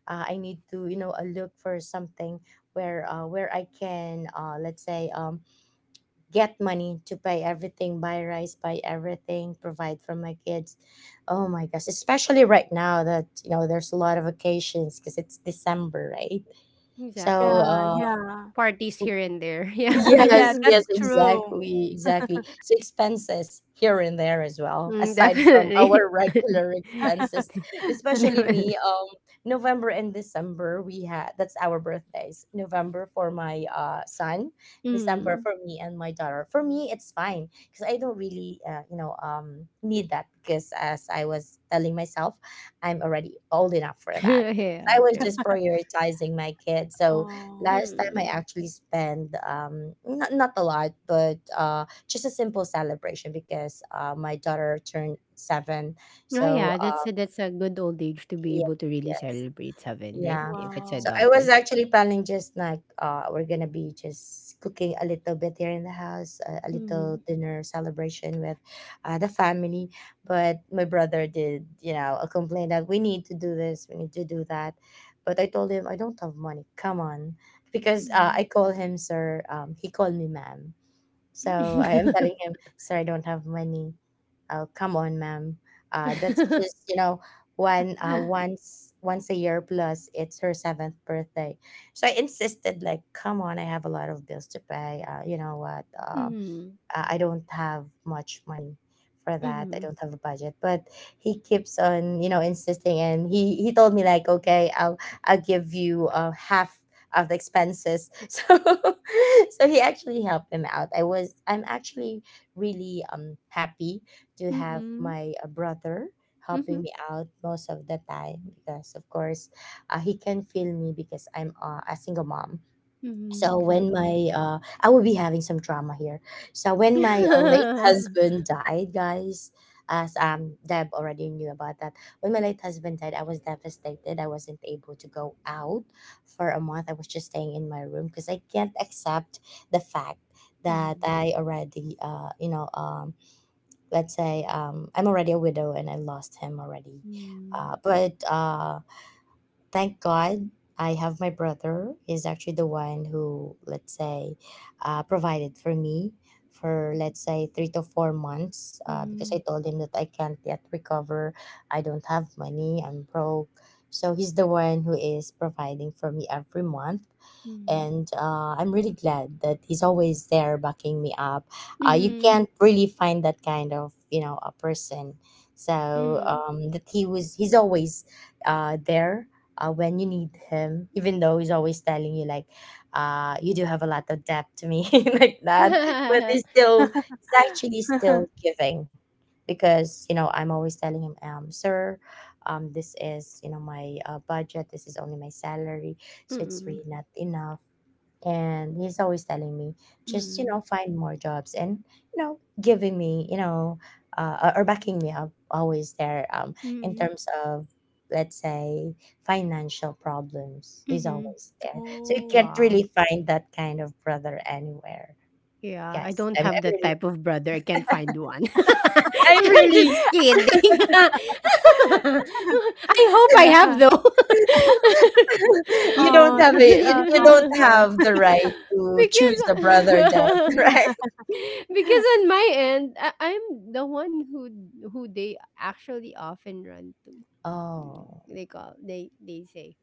Speaker 2: I need to, look for something, where I can, let's say, get money to pay everything, buy rice, buy everything, provide for my kids. Oh my gosh, especially right now, that, there's a lot of occasions because it's December, right? So
Speaker 1: Exactly.
Speaker 3: yeah,
Speaker 2: uh,
Speaker 3: yeah,
Speaker 1: Parties here and there. Yeah.
Speaker 3: yeah.
Speaker 2: yes, yes,
Speaker 3: That's true.
Speaker 2: exactly, exactly. So expenses here and there as well,
Speaker 1: Mm,
Speaker 2: aside from
Speaker 1: definitely.
Speaker 2: our regular expenses, especially
Speaker 1: Definitely.
Speaker 2: me. November and December, we had that's our birthdays. November for my son, December
Speaker 1: Mm.
Speaker 2: for me and my daughter. For me, it's fine because I don't really, need that, because as I was telling myself, I'm already old enough for that.
Speaker 1: Yeah,
Speaker 2: I was
Speaker 1: true.
Speaker 2: just prioritizing my kids. So
Speaker 3: Oh,
Speaker 2: last time I
Speaker 1: Mm.
Speaker 2: actually spent not a lot, but just a simple celebration, because my daughter turned 7.
Speaker 1: Oh
Speaker 2: So
Speaker 1: yeah, that's a good old age to be
Speaker 2: yes,
Speaker 1: able to really
Speaker 2: yes.
Speaker 1: celebrate seven, right?
Speaker 2: Yeah.
Speaker 1: If it's a
Speaker 2: So
Speaker 3: wow.
Speaker 2: I was
Speaker 1: daughter.
Speaker 2: actually planning just like, we're gonna be just cooking a little bit here in the house, a little
Speaker 1: Mm.
Speaker 2: dinner celebration with the family. But my brother did, a complaint that we need to do this, we need to do that. But I told him, I don't have money. Come on, because I
Speaker 1: Mm.
Speaker 2: call him sir. He called me ma'am. So I am telling him, sir, I don't have money. Oh, come on, ma'am. That's just, one once once a year, plus it's her seventh birthday. So I insisted, like, come on, I have a lot of bills to pay. You know what?
Speaker 1: Mm.
Speaker 2: I don't have much money for that. I
Speaker 1: Mm.
Speaker 2: don't have a budget, but he keeps on, insisting, and he told me like, okay, I'll give you half of the expenses. So he actually helped him out. I'm actually really happy to
Speaker 1: Mm.
Speaker 2: have
Speaker 1: Mm.
Speaker 2: my brother
Speaker 1: Mhm.
Speaker 2: helping me out most of the time because of course he can feel me because I'm a single mom,
Speaker 1: Mhm,
Speaker 2: so when
Speaker 1: exactly.
Speaker 2: my I will be having some drama here. So when my late husband died, guys, as Deb already knew about that, when my late husband died, I was devastated. I wasn't able to go out for a month. I was just staying in my room because I can't accept the fact that
Speaker 1: Mhm.
Speaker 2: I already let's say, I'm already a widow and I lost him already.
Speaker 1: Mhm.
Speaker 2: But Thank God I have my brother. He's actually the one who, let's say, provided for me for, let's say, 3 to 4 months because I
Speaker 1: Mhm.
Speaker 2: told him that I can't yet recover. I don't have money. I'm broke. So he's the one who is providing for me every month, and I'm really glad that he's always there backing me up.
Speaker 1: Mhm.
Speaker 2: You
Speaker 1: Mhm.
Speaker 2: can't really find that kind of, you know, a person, so
Speaker 1: Mhm.
Speaker 2: that he was he's always there when you need him, even though he's always telling you like, you do have a lot of debt to me, like that, but he's still, he's actually still giving. Because, you know, I'm always telling him, sir, this is, you know, my budget. This is only my salary, so it's
Speaker 1: Mm.
Speaker 2: really not enough. And he's always telling me, just, you know,
Speaker 1: Mm.
Speaker 2: find more jobs, and, you know, giving me, you know, or backing me up, always there, in
Speaker 1: Mm.
Speaker 2: terms of, let's say, financial problems, he's
Speaker 1: Mhm.
Speaker 2: always there. So you
Speaker 3: Oh,
Speaker 2: can't
Speaker 1: Wow.
Speaker 2: really find that kind of brother anywhere,
Speaker 1: Yeah, I
Speaker 2: guys.
Speaker 1: don't have
Speaker 2: I'm
Speaker 1: that
Speaker 2: really
Speaker 1: type of brother. I can't find one.
Speaker 2: I'm
Speaker 1: I'm
Speaker 2: really—
Speaker 1: just kidding. I hope I have
Speaker 3: yeah.
Speaker 1: though.
Speaker 2: you don't
Speaker 3: Oh,
Speaker 2: have
Speaker 3: such
Speaker 2: a—
Speaker 3: a
Speaker 2: you don't
Speaker 3: thoughtful.
Speaker 2: have the right to
Speaker 1: Because
Speaker 2: choose a brother, Deb. Right.
Speaker 1: because on my end, I'm the one who they actually often run to.
Speaker 2: Oh,
Speaker 1: They call, they say,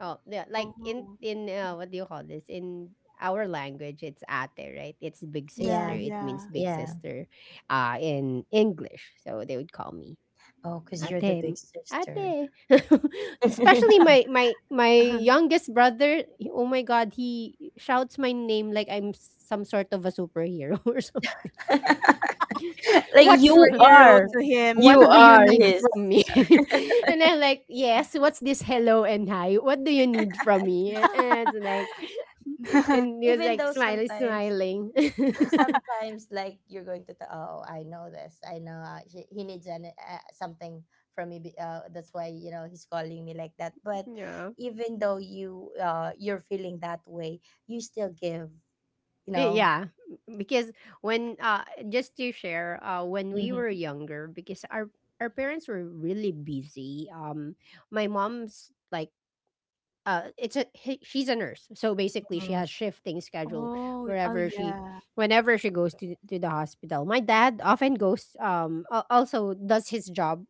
Speaker 1: oh yeah, like
Speaker 3: Oh,
Speaker 1: in, what do you call this, in our language it's ate, right? It's big sister,
Speaker 3: yeah,
Speaker 2: yeah,
Speaker 1: it means
Speaker 3: yeah.
Speaker 1: big
Speaker 2: yeah.
Speaker 1: sister, in English. So they would call me
Speaker 2: Oh, because you're the big
Speaker 1: ate,
Speaker 2: sister.
Speaker 1: ate. Especially my youngest brother. Oh my god, he shouts my name like I'm some sort of a superhero. Or
Speaker 2: Like
Speaker 3: You're
Speaker 1: what's
Speaker 2: you
Speaker 1: wr-
Speaker 3: superhero
Speaker 2: are.
Speaker 3: to him.
Speaker 1: what
Speaker 2: You
Speaker 1: do you
Speaker 2: are
Speaker 1: need
Speaker 2: his.
Speaker 1: from me? And I'm like, yes, what's this, hello and hi, what do you need from me? And it's like, and he was
Speaker 2: Even
Speaker 1: like
Speaker 2: though
Speaker 1: smiling,
Speaker 2: sometimes
Speaker 1: smiling.
Speaker 2: sometimes like you're going to tell, oh, I know this I know he needs an, something from me, that's why, you know, he's calling me like that. But
Speaker 1: Yeah.
Speaker 2: even though you're feeling that way, you still give, you
Speaker 1: Eh,
Speaker 2: know.
Speaker 1: yeah, because when, just to share, when we were
Speaker 2: Mm-hmm,
Speaker 1: younger, because our parents were really busy. My mom's like, she's a nurse, so basically she
Speaker 2: mm-hmm,
Speaker 1: has shifting schedule,
Speaker 3: Oh, oh,
Speaker 1: wherever she,
Speaker 3: yeah,
Speaker 1: whenever she goes to the hospital. My dad often goes, also does his job,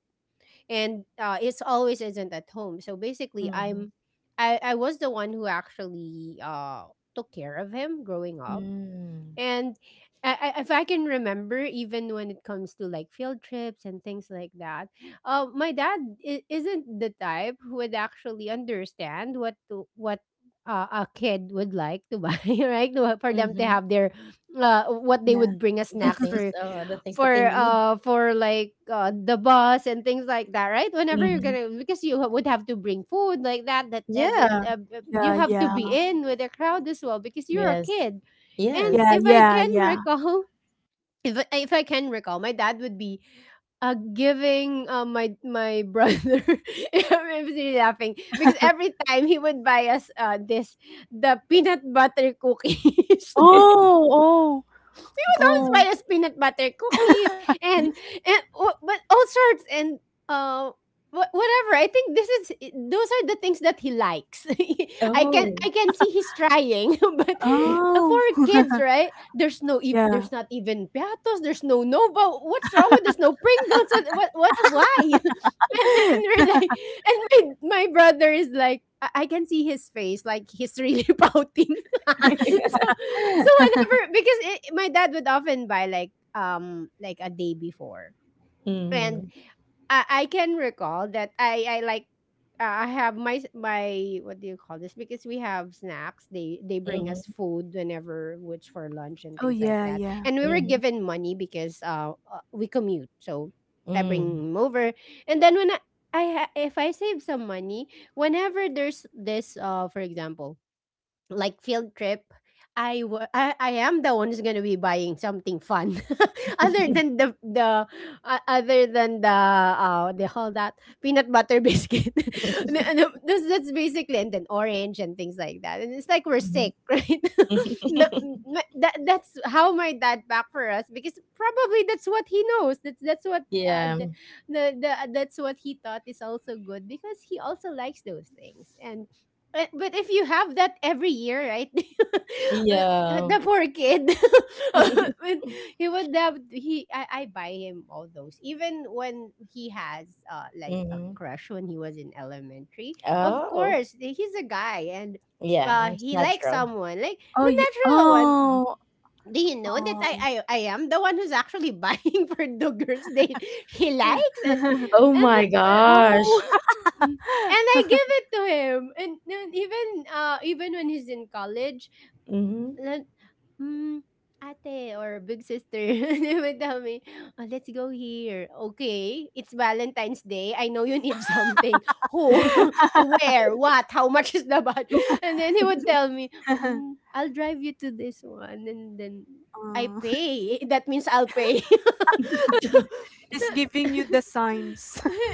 Speaker 1: and it's always isn't at home. So basically,
Speaker 2: mm-hmm,
Speaker 1: I was the one who actually took care of him growing up.
Speaker 2: mm-hmm,
Speaker 1: And if I can remember, even when it comes to like field trips and things like that, my dad isn't the type who would actually understand what a kid would like to buy, right? For them to
Speaker 2: mm-hmm.
Speaker 1: have their, what they
Speaker 3: yeah,
Speaker 1: would bring as
Speaker 2: The
Speaker 1: snacks
Speaker 2: things,
Speaker 1: for,
Speaker 2: the things that they need.
Speaker 1: the bus and things like that, right? Whenever you're
Speaker 2: Mm-hmm.
Speaker 1: gonna, because you would have to bring food like that that that, that
Speaker 2: Yeah.
Speaker 1: you
Speaker 3: yeah,
Speaker 1: have to
Speaker 3: yeah,
Speaker 1: be in with the crowd as well because you're a
Speaker 2: Yes.
Speaker 1: kid. And
Speaker 2: Yes.
Speaker 3: yeah,
Speaker 1: if I
Speaker 3: yeah,
Speaker 1: can
Speaker 3: yeah.
Speaker 1: recall, if I can recall, my dad would be giving, my brother. I'm really laughing because every time he would buy us, this the peanut butter cookies.
Speaker 3: Oh, oh,
Speaker 1: We would always
Speaker 3: oh,
Speaker 1: buy us peanut butter cookies, and and but all sorts, and uh whatever, I think this is, those are the things that he likes.
Speaker 2: Oh.
Speaker 1: I can see he's trying, but
Speaker 2: Mhm,
Speaker 1: for
Speaker 3: oh.
Speaker 1: kids, right? There's no
Speaker 3: Yeah.
Speaker 1: there's not even Piatos, there's no Nova, what's wrong with, there's no Pringles, what, why? And, and we're like, and my brother is like, I can see his face, like he's really pouting. So so whenever, because my dad would often buy like, like a day before, and
Speaker 2: mhm,
Speaker 1: I can recall that I like, I have my, what do you call this? Because we have snacks. They bring us food whenever, which for lunch and
Speaker 3: Oh
Speaker 1: things like
Speaker 3: yeah,
Speaker 1: that.
Speaker 3: yeah.
Speaker 1: And we were
Speaker 2: mhm,
Speaker 1: given money because, we commute, so I
Speaker 2: mm,
Speaker 1: bring him over. And then when, if I save some money, whenever there's this, for example, like field trip, I wa- I am the one who's gonna be buying something fun, other than the other than they call that peanut butter biscuit. No, no, that's basically and then orange and things like that. And it's like we're
Speaker 2: mhm.
Speaker 1: sick, right? No, no, that's how my dad back for us because probably that's what he knows. That's what
Speaker 2: Yeah,
Speaker 1: the that's what he thought is also good because he also likes those things, and but if you have that every year, right? Uh,
Speaker 2: yeah.
Speaker 1: the poor kid. But he would have he I buy him all those. Even when he has like a
Speaker 2: Mhm.
Speaker 1: crush when he was in elementary. Of
Speaker 2: Oh,
Speaker 1: course, he's a guy, and
Speaker 2: yeah, it's
Speaker 1: he likes
Speaker 2: natural.
Speaker 1: someone. Like
Speaker 3: Oh
Speaker 1: the
Speaker 3: yeah.
Speaker 1: natural one.
Speaker 3: Oh.
Speaker 1: Do you know that I,
Speaker 3: Oh.
Speaker 1: I I am the one who's actually buying for the girls they he likes. and
Speaker 2: Oh
Speaker 1: and the,
Speaker 2: my
Speaker 1: uh,
Speaker 3: Oh.
Speaker 2: gosh.
Speaker 1: uh, mm. and I give it to him, and even when he's in college,
Speaker 2: Mhm.
Speaker 1: Lan, hmm, ate, or big sister, they would tell me, "Oh, let's go here." "Okay, it's Valentine's Day. I know you need something. Who?
Speaker 2: Mhm.
Speaker 1: Where? What? How much is the bud?" And then he would tell me, I'll drive you to this one." And then I
Speaker 3: Oh.
Speaker 1: pay. That means I'll pay.
Speaker 3: It's giving
Speaker 1: Yeah,
Speaker 3: you the signs.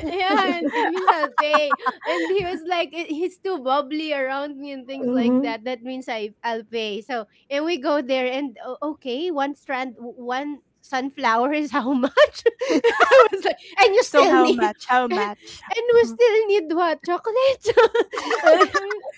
Speaker 1: and it means I'll pay. And he was like, "Eh, he's too bubbly around me and things like that. That means I'll pay. So and we go there and okay, one strand, one sunflower is how much? And I was like, and you
Speaker 3: So
Speaker 1: still
Speaker 3: how
Speaker 1: need,
Speaker 3: much? How much?
Speaker 1: and we still need what chocolate?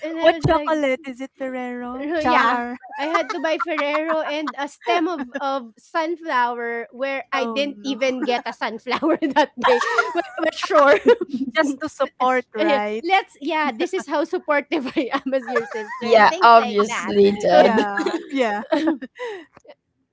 Speaker 1: And
Speaker 3: What
Speaker 1: I was like,
Speaker 3: chocolate? Is it Ferrero?
Speaker 1: yeah.
Speaker 3: Char.
Speaker 1: I had to buy Ferrero and a stem of sunflower where I
Speaker 3: Oh
Speaker 1: didn't
Speaker 3: no.
Speaker 1: even get a sunflower that day. But sure.
Speaker 3: Just to support,
Speaker 1: Yeah,
Speaker 3: right?
Speaker 1: let's, yeah, this is how supportive I am as your sister and
Speaker 2: Yeah,
Speaker 1: things like that.
Speaker 2: obviously, Deb.
Speaker 3: Yeah. Yeah.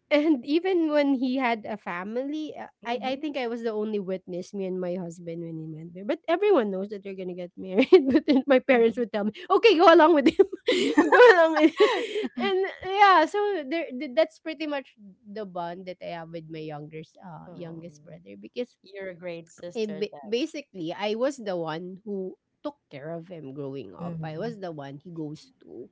Speaker 1: And even when he had a family, I
Speaker 2: Mhm,
Speaker 1: think I was the only witness, me and my husband, when he went there. But everyone knows that they're gonna get married. But then my parents
Speaker 2: mhm.
Speaker 1: would tell me, "Okay, go along with him, go along with." Him. And yeah, so there, that's pretty much the bond that I have with my youngest
Speaker 2: Um,
Speaker 1: brother because
Speaker 2: you're a great sister, Deb.
Speaker 1: basically I was the one who took care of him growing up. I
Speaker 2: Mhm.
Speaker 1: was the one he goes to.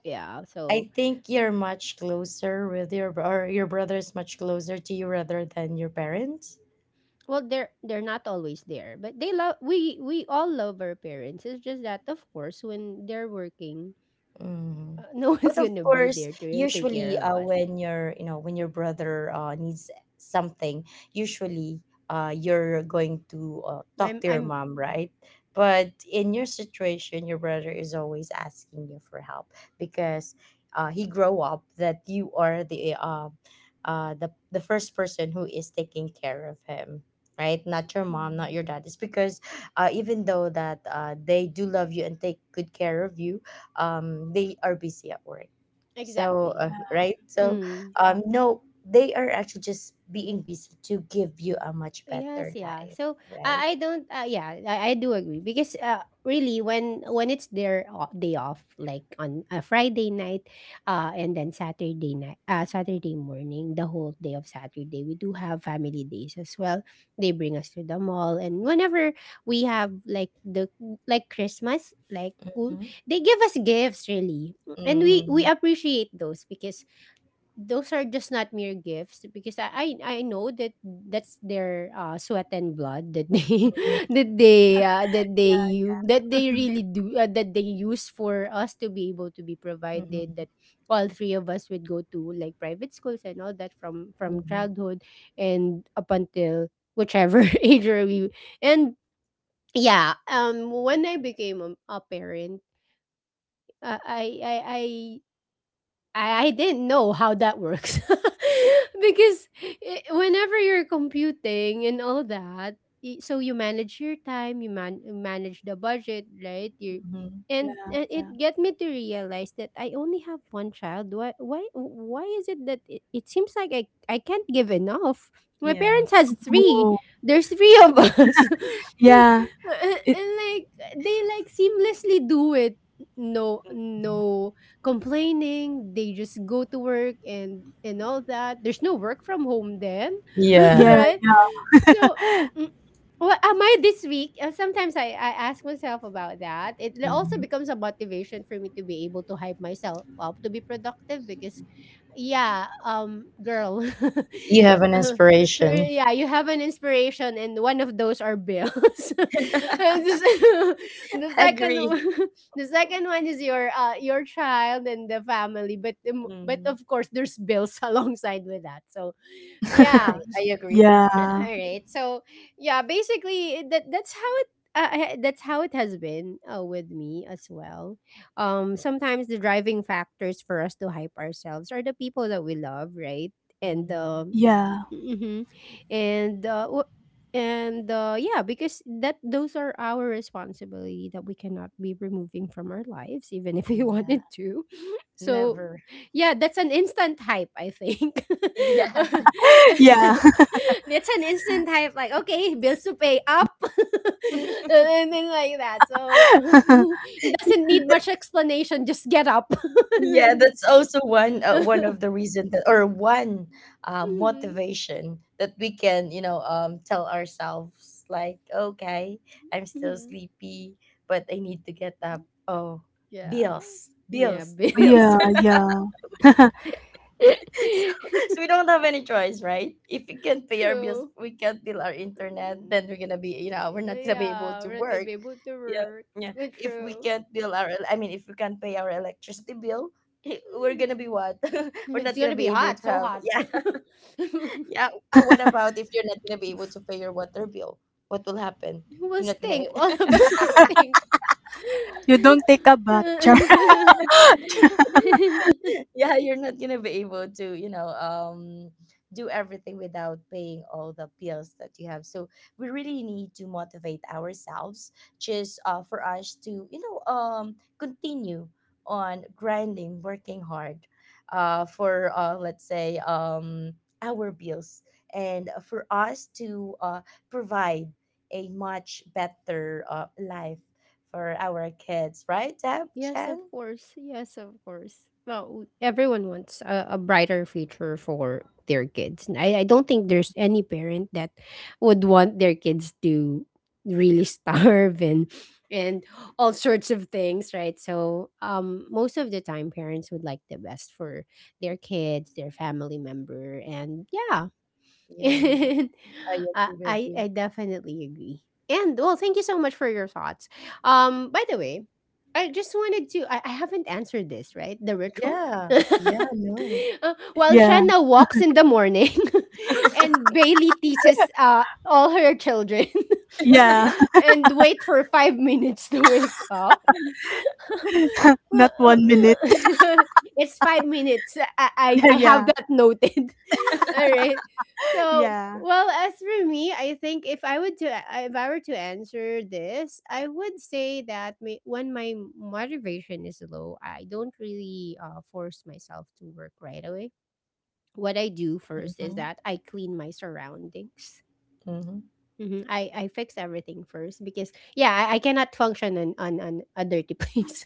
Speaker 1: Yeah, so,
Speaker 2: I think you're much closer with your bro- or your brother is much closer to you rather than your parents.
Speaker 1: well, they're not always there, but they love, we all love our parents. It's just that of course when they're working,
Speaker 2: Mhm.
Speaker 1: no
Speaker 2: But
Speaker 1: one's
Speaker 2: of
Speaker 1: going to be
Speaker 2: course,
Speaker 1: there to really take care
Speaker 2: usually
Speaker 1: of us.
Speaker 2: when your, you know, when your brother needs something, usually you're going to talk to your
Speaker 1: I'm
Speaker 2: mom, right? But in your situation, your brother is always asking you for help because he grow up that you are the first person who is taking care of him, right? Not your mom, not
Speaker 1: Mm.
Speaker 2: your dad. It's because even though that they do love you and take good care of you, they are busy at work. So,
Speaker 1: Exactly.
Speaker 2: right? So,
Speaker 3: Yeah.
Speaker 2: no, they are actually just being busy to give you a much better
Speaker 1: Yes, yeah.
Speaker 2: life,
Speaker 1: So
Speaker 2: right?
Speaker 1: I don't, yeah, I do agree because really when it's their day off, like on a Friday night, and then Saturday night, Saturday morning, the whole day of Saturday, we do have family days as well. They bring us to the mall, and whenever we have like Christmas,
Speaker 2: Mhm.
Speaker 1: they give us gifts really. And we
Speaker 2: Mhm.
Speaker 1: appreciate those because those are just not mere gifts because I know that that's their sweat and blood that they
Speaker 2: Mhm.
Speaker 3: Yeah.
Speaker 1: that they really do, that they use for us to be able to be
Speaker 2: Mhm.
Speaker 1: provided that all three of us would go to like private schools and all that, from
Speaker 2: Mhm.
Speaker 1: childhood and up until whichever age are we. And yeah, when I became a parent, uh, I I I I didn't know how that works because I whenever you're computing and all that, so you manage your time, you manage the budget, right? You
Speaker 2: Mhm.
Speaker 1: and,
Speaker 3: Yeah.
Speaker 1: and it
Speaker 3: Yeah.
Speaker 1: get me to realize that I only have one child. Why is it that it seems like I can't give enough? My
Speaker 2: Yeah.
Speaker 1: parents has three.
Speaker 3: Oh.
Speaker 1: There's three of us,
Speaker 3: Yeah. It,
Speaker 1: and like they like seamlessly do it. No,
Speaker 2: Mhm.
Speaker 1: no complaining. They just go to work and all that. There's no work from home then,
Speaker 2: Yeah.
Speaker 3: yeah.
Speaker 1: right? So. mm, What am I this week? Sometimes I ask myself about that. It also
Speaker 2: Mhm.
Speaker 1: becomes a motivation for me to be able to hype myself up to be productive because yeah, girl,
Speaker 2: You have an inspiration.
Speaker 1: yeah, you have an inspiration, and one of those are bills. And this- the second
Speaker 2: Agree.
Speaker 1: one the second one is your your child and the family, but but
Speaker 2: Mhm.
Speaker 1: of course there's bills alongside with that. So, yeah.
Speaker 2: I agree.
Speaker 1: All
Speaker 3: Yeah.
Speaker 1: right. So, yeah, basically that's how it has been with me as well. Sometimes the driving factors for us to hype ourselves are the people that we love, right? And
Speaker 2: Mhm.
Speaker 1: the
Speaker 3: Yeah. Yeah.
Speaker 1: Mhm. And w- and yeah, because that those are our responsibility that we cannot be removing from our lives even if we
Speaker 2: Yeah.
Speaker 1: wanted to. So
Speaker 2: Never.
Speaker 1: yeah, that's an instant hype, I think.
Speaker 2: Yeah.
Speaker 3: Yeah.
Speaker 1: It's an instant hype, like okay, bills to pay up. And then like that. So it doesn't need
Speaker 2: That—
Speaker 1: much explanation, just get up.
Speaker 2: yeah, that's also one one of the reason that or one
Speaker 1: Mhm,
Speaker 2: motivation that we can, you know, tell ourselves like, okay, I'm still
Speaker 1: mhm.
Speaker 2: sleepy, but I need to get up. Oh,
Speaker 1: Yeah.
Speaker 2: bills,
Speaker 1: Yeah,
Speaker 2: bills, bills.
Speaker 1: bills.
Speaker 3: Yeah. Yeah.
Speaker 2: So, so we don't have any choice, right? If we can't pay our bills,
Speaker 1: True.
Speaker 2: we can't bill our internet, then
Speaker 1: Mm,
Speaker 2: we're gonna be, you know, we're not gonna be able
Speaker 1: yeah,
Speaker 2: to
Speaker 1: we're not gonna
Speaker 2: work.
Speaker 1: be able to
Speaker 2: Yeah,
Speaker 1: work.
Speaker 2: yeah.
Speaker 1: But
Speaker 2: If we
Speaker 1: true.
Speaker 2: can't bill our, el- I mean, if we can't pay our electricity bill, eh, we're
Speaker 1: Mm.
Speaker 2: gonna be what? We're
Speaker 1: It's
Speaker 2: not gonna
Speaker 1: gonna be
Speaker 2: be able
Speaker 1: hot,
Speaker 2: to
Speaker 1: so
Speaker 2: have.
Speaker 1: hot.
Speaker 2: Yeah,
Speaker 1: Who
Speaker 2: yeah. What about if you're not gonna be able to pay your water bill? What will happen?
Speaker 1: will
Speaker 2: You're not gonna.
Speaker 1: stink? All of us will stink.
Speaker 3: You don't take a bath. Char.
Speaker 2: Yeah, you're not gonna be able to, you know, do everything without paying all the bills that you have. So we really need to motivate ourselves, just for us to, you know, continue on grinding, working hard, for let's say, our bills, and for us to provide a much better life for our kids, right, Deb,
Speaker 1: Yes,
Speaker 2: Shan?
Speaker 1: of course. Yes, of course. Well, everyone wants a brighter future for their kids. And I don't think there's any parent that would want their kids to really starve, and all sorts of things, right? So, most of the time, parents would like the best for their kids, their family member, and yeah.
Speaker 2: Yeah, yeah.
Speaker 1: And
Speaker 2: I
Speaker 1: uh,
Speaker 2: agree with
Speaker 1: I
Speaker 2: you.
Speaker 1: I definitely agree. And well, thank you so much for your thoughts. By the way, I just wanted to. I haven't answered this right. The ritual.
Speaker 2: Yeah, yeah, no.
Speaker 1: While
Speaker 3: Yeah.
Speaker 1: Shanna walks in the morning, and Bailey teaches all her children,
Speaker 3: Yeah.
Speaker 1: and wait for 5 minutes to wake up.
Speaker 3: Not 1 minute.
Speaker 1: It's 5 minutes. I, I
Speaker 3: Yeah.
Speaker 1: I have
Speaker 3: Yeah.
Speaker 1: that noted. All right. So,
Speaker 3: Yeah.
Speaker 1: well, as for me, I think if I were to answer this, I would say that when my motivation is low, I don't really force myself to work right away. What I do first is
Speaker 2: Mm-hmm.
Speaker 1: that I clean my surroundings.
Speaker 2: Mm-hmm.
Speaker 1: Mhm. I fix everything first because yeah, I cannot function on a dirty place,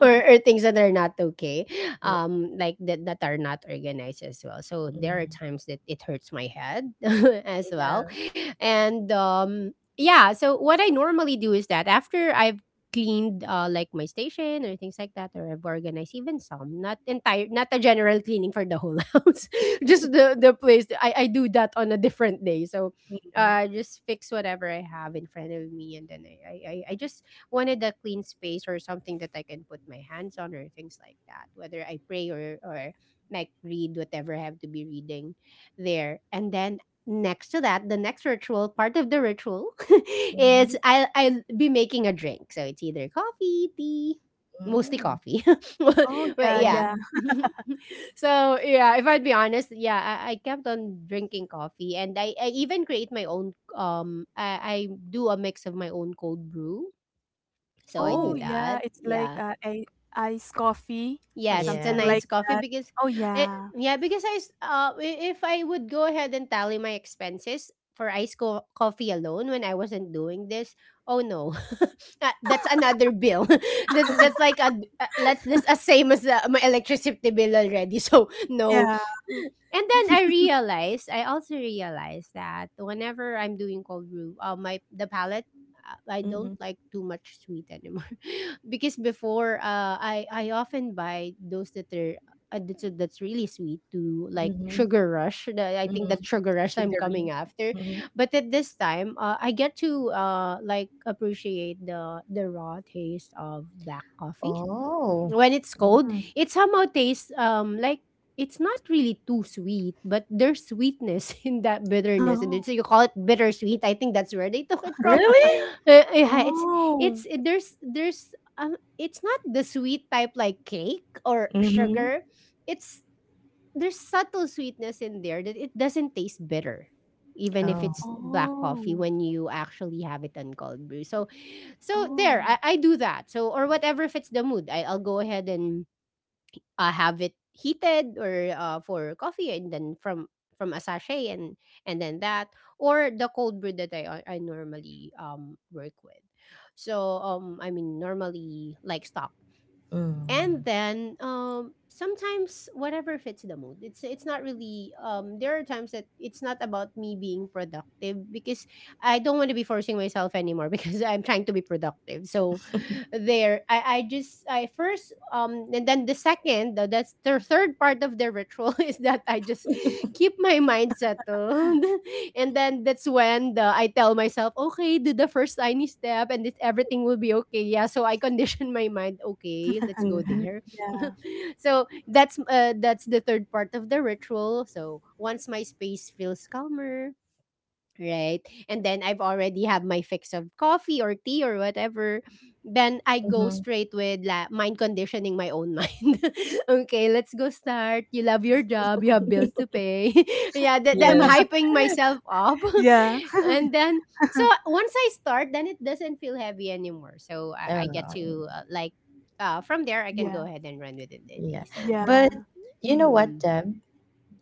Speaker 1: or things that are not okay,
Speaker 2: Mm-hmm. Yeah.
Speaker 1: like that that are not organized as well. So there are
Speaker 2: Mm-hmm.
Speaker 1: times that it hurts my head as well, and yeah. So what I normally do is that after I've cleaned like my station or things like that, or I've organized even some, not a general cleaning for the whole house, just the place. I do that on a different day, so just fix whatever I have in front of me, and then I just wanted a clean space or something that I can put my hands on or things like that. Whether I pray or like read whatever I have to be reading there. And then next to that, the next ritual, part of the ritual, is
Speaker 2: Mm-hmm.
Speaker 1: I'll be making a drink. So it's either coffee, tea, mostly
Speaker 2: Mm-hmm.
Speaker 1: coffee.
Speaker 3: Oh,
Speaker 1: But
Speaker 3: yeah,
Speaker 1: yeah.
Speaker 3: yeah.
Speaker 2: Oh.
Speaker 1: So yeah, if I'd be honest, yeah, I kept on drinking coffee, and I even create my own. I do a mix of my own cold brew, so I
Speaker 3: Oh,
Speaker 1: do
Speaker 2: Oh.
Speaker 3: yeah,
Speaker 1: that.
Speaker 3: it's like
Speaker 1: Yeah,
Speaker 3: a iced coffee or
Speaker 1: yes, it's a
Speaker 3: something
Speaker 2: Yeah.
Speaker 1: nice
Speaker 3: like
Speaker 1: coffee
Speaker 3: that.
Speaker 1: because,
Speaker 3: Oh,
Speaker 1: eh,
Speaker 3: yeah.
Speaker 1: yeah, because if I would go ahead and tally my expenses for iced coffee alone when I wasn't doing this, oh no, ah, that's another bill. That's like a that's as same as my electricity bill already. So no.
Speaker 3: Yeah.
Speaker 1: Mm. And then I realized, I also realized that whenever I'm doing cold brew, my the palate, I don't
Speaker 2: Mm-hmm.
Speaker 1: like too much sweet anymore because before I often buy those that are that's really sweet, to like
Speaker 2: Mm-hmm.
Speaker 1: sugar rush. I think
Speaker 2: Mm-hmm.
Speaker 1: that sugar rush I'm
Speaker 2: Sugary.
Speaker 1: coming after,
Speaker 2: Mm-hmm.
Speaker 1: but at this time I get to like appreciate the raw taste of black coffee.
Speaker 2: Oh.
Speaker 1: When it's cold,
Speaker 2: Mhm.
Speaker 1: it somehow tastes like it's not really too sweet, but there's sweetness in that bitterness, and
Speaker 3: Oh.
Speaker 1: so you call it bittersweet. I think that's where they took it from.
Speaker 2: Really?
Speaker 1: Yeah,
Speaker 3: Oh.
Speaker 1: it's not the sweet type like cake or
Speaker 2: Mhm.
Speaker 1: sugar. It's there's subtle sweetness in there that it doesn't taste bitter even if
Speaker 2: Oh.
Speaker 1: it's black coffee
Speaker 3: Oh.
Speaker 1: when you actually have it on cold brew. So
Speaker 3: Oh.
Speaker 1: I do that, so or whatever fits the mood I'll go ahead and have it heated, or for coffee, and then from a sachet, and then that, or the cold brew that I normally work with. So I mean, normally like stock,
Speaker 2: Mm.
Speaker 1: and then sometimes whatever fits the mood. It's not really there are times that it's not about me being productive, because I don't want to be forcing myself anymore because I'm trying to be productive. So there I just I first and then the second, that's the third part of the ritual is that I just keep my mind settled. And then that's when the I tell myself, okay, do the first tiny step, and it, everything will be okay. Yeah, so I condition my mind, okay, let's go
Speaker 2: Mhm.
Speaker 1: there.
Speaker 3: Yeah.
Speaker 1: So that's the third part of the ritual. So once my space feels calmer, right? And then I've already have my fix of coffee or tea or whatever. Then I go
Speaker 2: Mhm.
Speaker 1: straight with mind conditioning my own mind. Okay, let's go start. You love your job. You have bills to pay. Yeah, that I'm
Speaker 2: Yes.
Speaker 1: hyping myself up.
Speaker 3: Yeah.
Speaker 1: And then, so once I start, then it doesn't feel heavy anymore. So I
Speaker 2: Um,
Speaker 1: get to like, from there, I can
Speaker 3: Yeah.
Speaker 1: go ahead and run within the
Speaker 2: yeah.
Speaker 1: day. So,
Speaker 2: But
Speaker 3: Yeah.
Speaker 2: you know what,
Speaker 1: mm-hmm.
Speaker 2: Deb?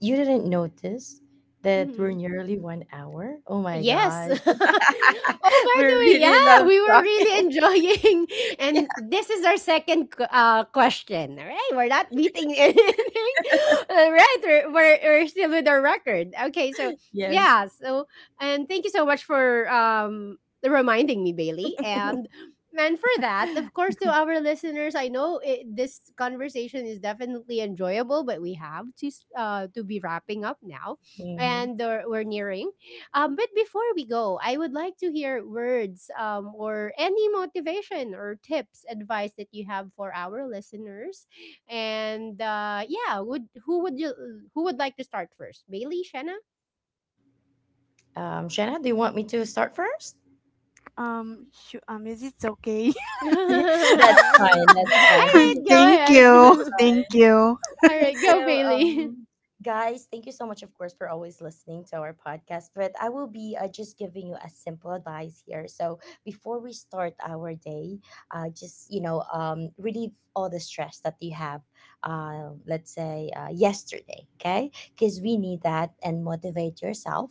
Speaker 2: You didn't notice that we're
Speaker 1: Mm-hmm.
Speaker 2: nearly 1 hour? Oh my
Speaker 1: Yes.
Speaker 2: gosh.
Speaker 1: Oh, by
Speaker 2: We
Speaker 1: the way,
Speaker 2: really love
Speaker 1: yeah, we were
Speaker 2: talking.
Speaker 1: really enjoying.
Speaker 2: Yeah.
Speaker 1: And this is our second question. All right, we're not beating anything. All right, we're still with our record. Okay, so
Speaker 2: Yes.
Speaker 1: yeah, so and thank you so much for reminding me, Bailey. And for that, of course, to our listeners, I know it, this conversation is definitely enjoyable, but we have to to be wrapping up now,
Speaker 2: Mm-hmm.
Speaker 1: and we're nearing. But before we go, I would like to hear words, or any motivation or tips, advice that you have for our listeners. And yeah, would who would you who would like to start first? Bailey, Shanna?
Speaker 2: Shanna, do you want me to start first?
Speaker 3: Sh Is it okay?
Speaker 1: All
Speaker 2: That's
Speaker 1: right,
Speaker 2: fine. That's fine.
Speaker 1: go
Speaker 3: Thank
Speaker 1: ahead.
Speaker 3: you.
Speaker 2: That's—
Speaker 1: All
Speaker 3: Thank you.
Speaker 2: all right,
Speaker 1: right, go
Speaker 2: so
Speaker 1: Bailey.
Speaker 2: um, guys, thank you so much, of course, for always listening to our podcast. But I will be just giving you a simple advice here. So before we start our day, just, you know, relieve all the stress that you have. Let's say yesterday, okay? Because we need that, and motivate yourself,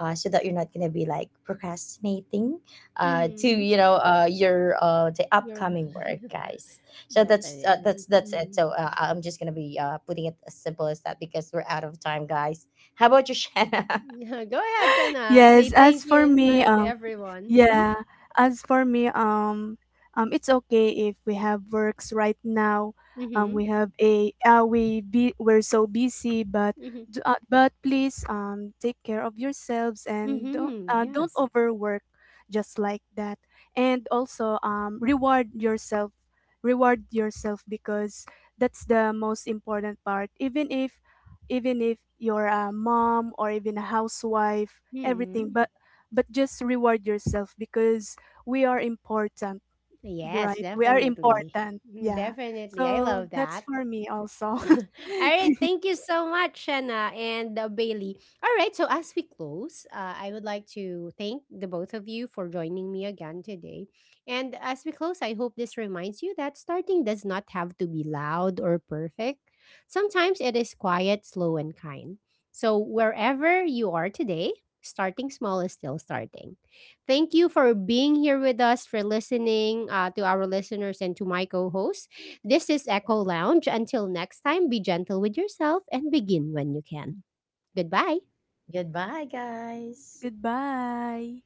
Speaker 2: so that you're not gonna be like procrastinating, to,
Speaker 1: Mm,
Speaker 2: you know, your the
Speaker 1: you're
Speaker 2: upcoming work, guys. So that's
Speaker 1: definitely.
Speaker 2: that's it.
Speaker 1: Mm.
Speaker 2: So I'm just gonna be putting it as simple as that because we're out of time, guys. How about you, Shanna?
Speaker 1: Go ahead, Shanna. Say
Speaker 3: Yes,
Speaker 1: thank
Speaker 3: as
Speaker 1: you
Speaker 3: for
Speaker 1: and
Speaker 3: me,
Speaker 1: hi to everyone. Mm-hmm.
Speaker 3: yeah, as for me, it's okay if we have works right now.
Speaker 1: Mm-hmm.
Speaker 3: We have a we're so busy, but
Speaker 1: Mm-hmm.
Speaker 3: but please take care of yourselves and don't,
Speaker 1: Mm-hmm.
Speaker 3: don't
Speaker 1: Yes.
Speaker 3: overwork, just like that. And also reward yourself, reward yourself, because that's the most important part. Even if, even if you're a mom or even a housewife, everything,
Speaker 1: Hmm.
Speaker 3: but just reward yourself, because we are important,
Speaker 1: Yes,
Speaker 3: right? We are
Speaker 1: definitely.
Speaker 3: important.
Speaker 1: Mm,
Speaker 3: Yeah.
Speaker 1: definitely. I
Speaker 3: So
Speaker 1: love
Speaker 3: that's
Speaker 1: that.
Speaker 3: for me also.
Speaker 1: All right, thank you so much, Shanna and Bailey. All right, so as we close, I would like to thank the both of you for joining me again today. And as we close, I hope this reminds you that starting does not have to be loud or perfect. Sometimes it is quiet, slow, and kind. So wherever you are today, starting small is still starting. Thank you for being here with us, for listening to our listeners and to my co host. This is Echo Lounge. Until next time, be gentle with yourself and begin when you can. Goodbye.
Speaker 2: Goodbye, guys.
Speaker 3: Goodbye.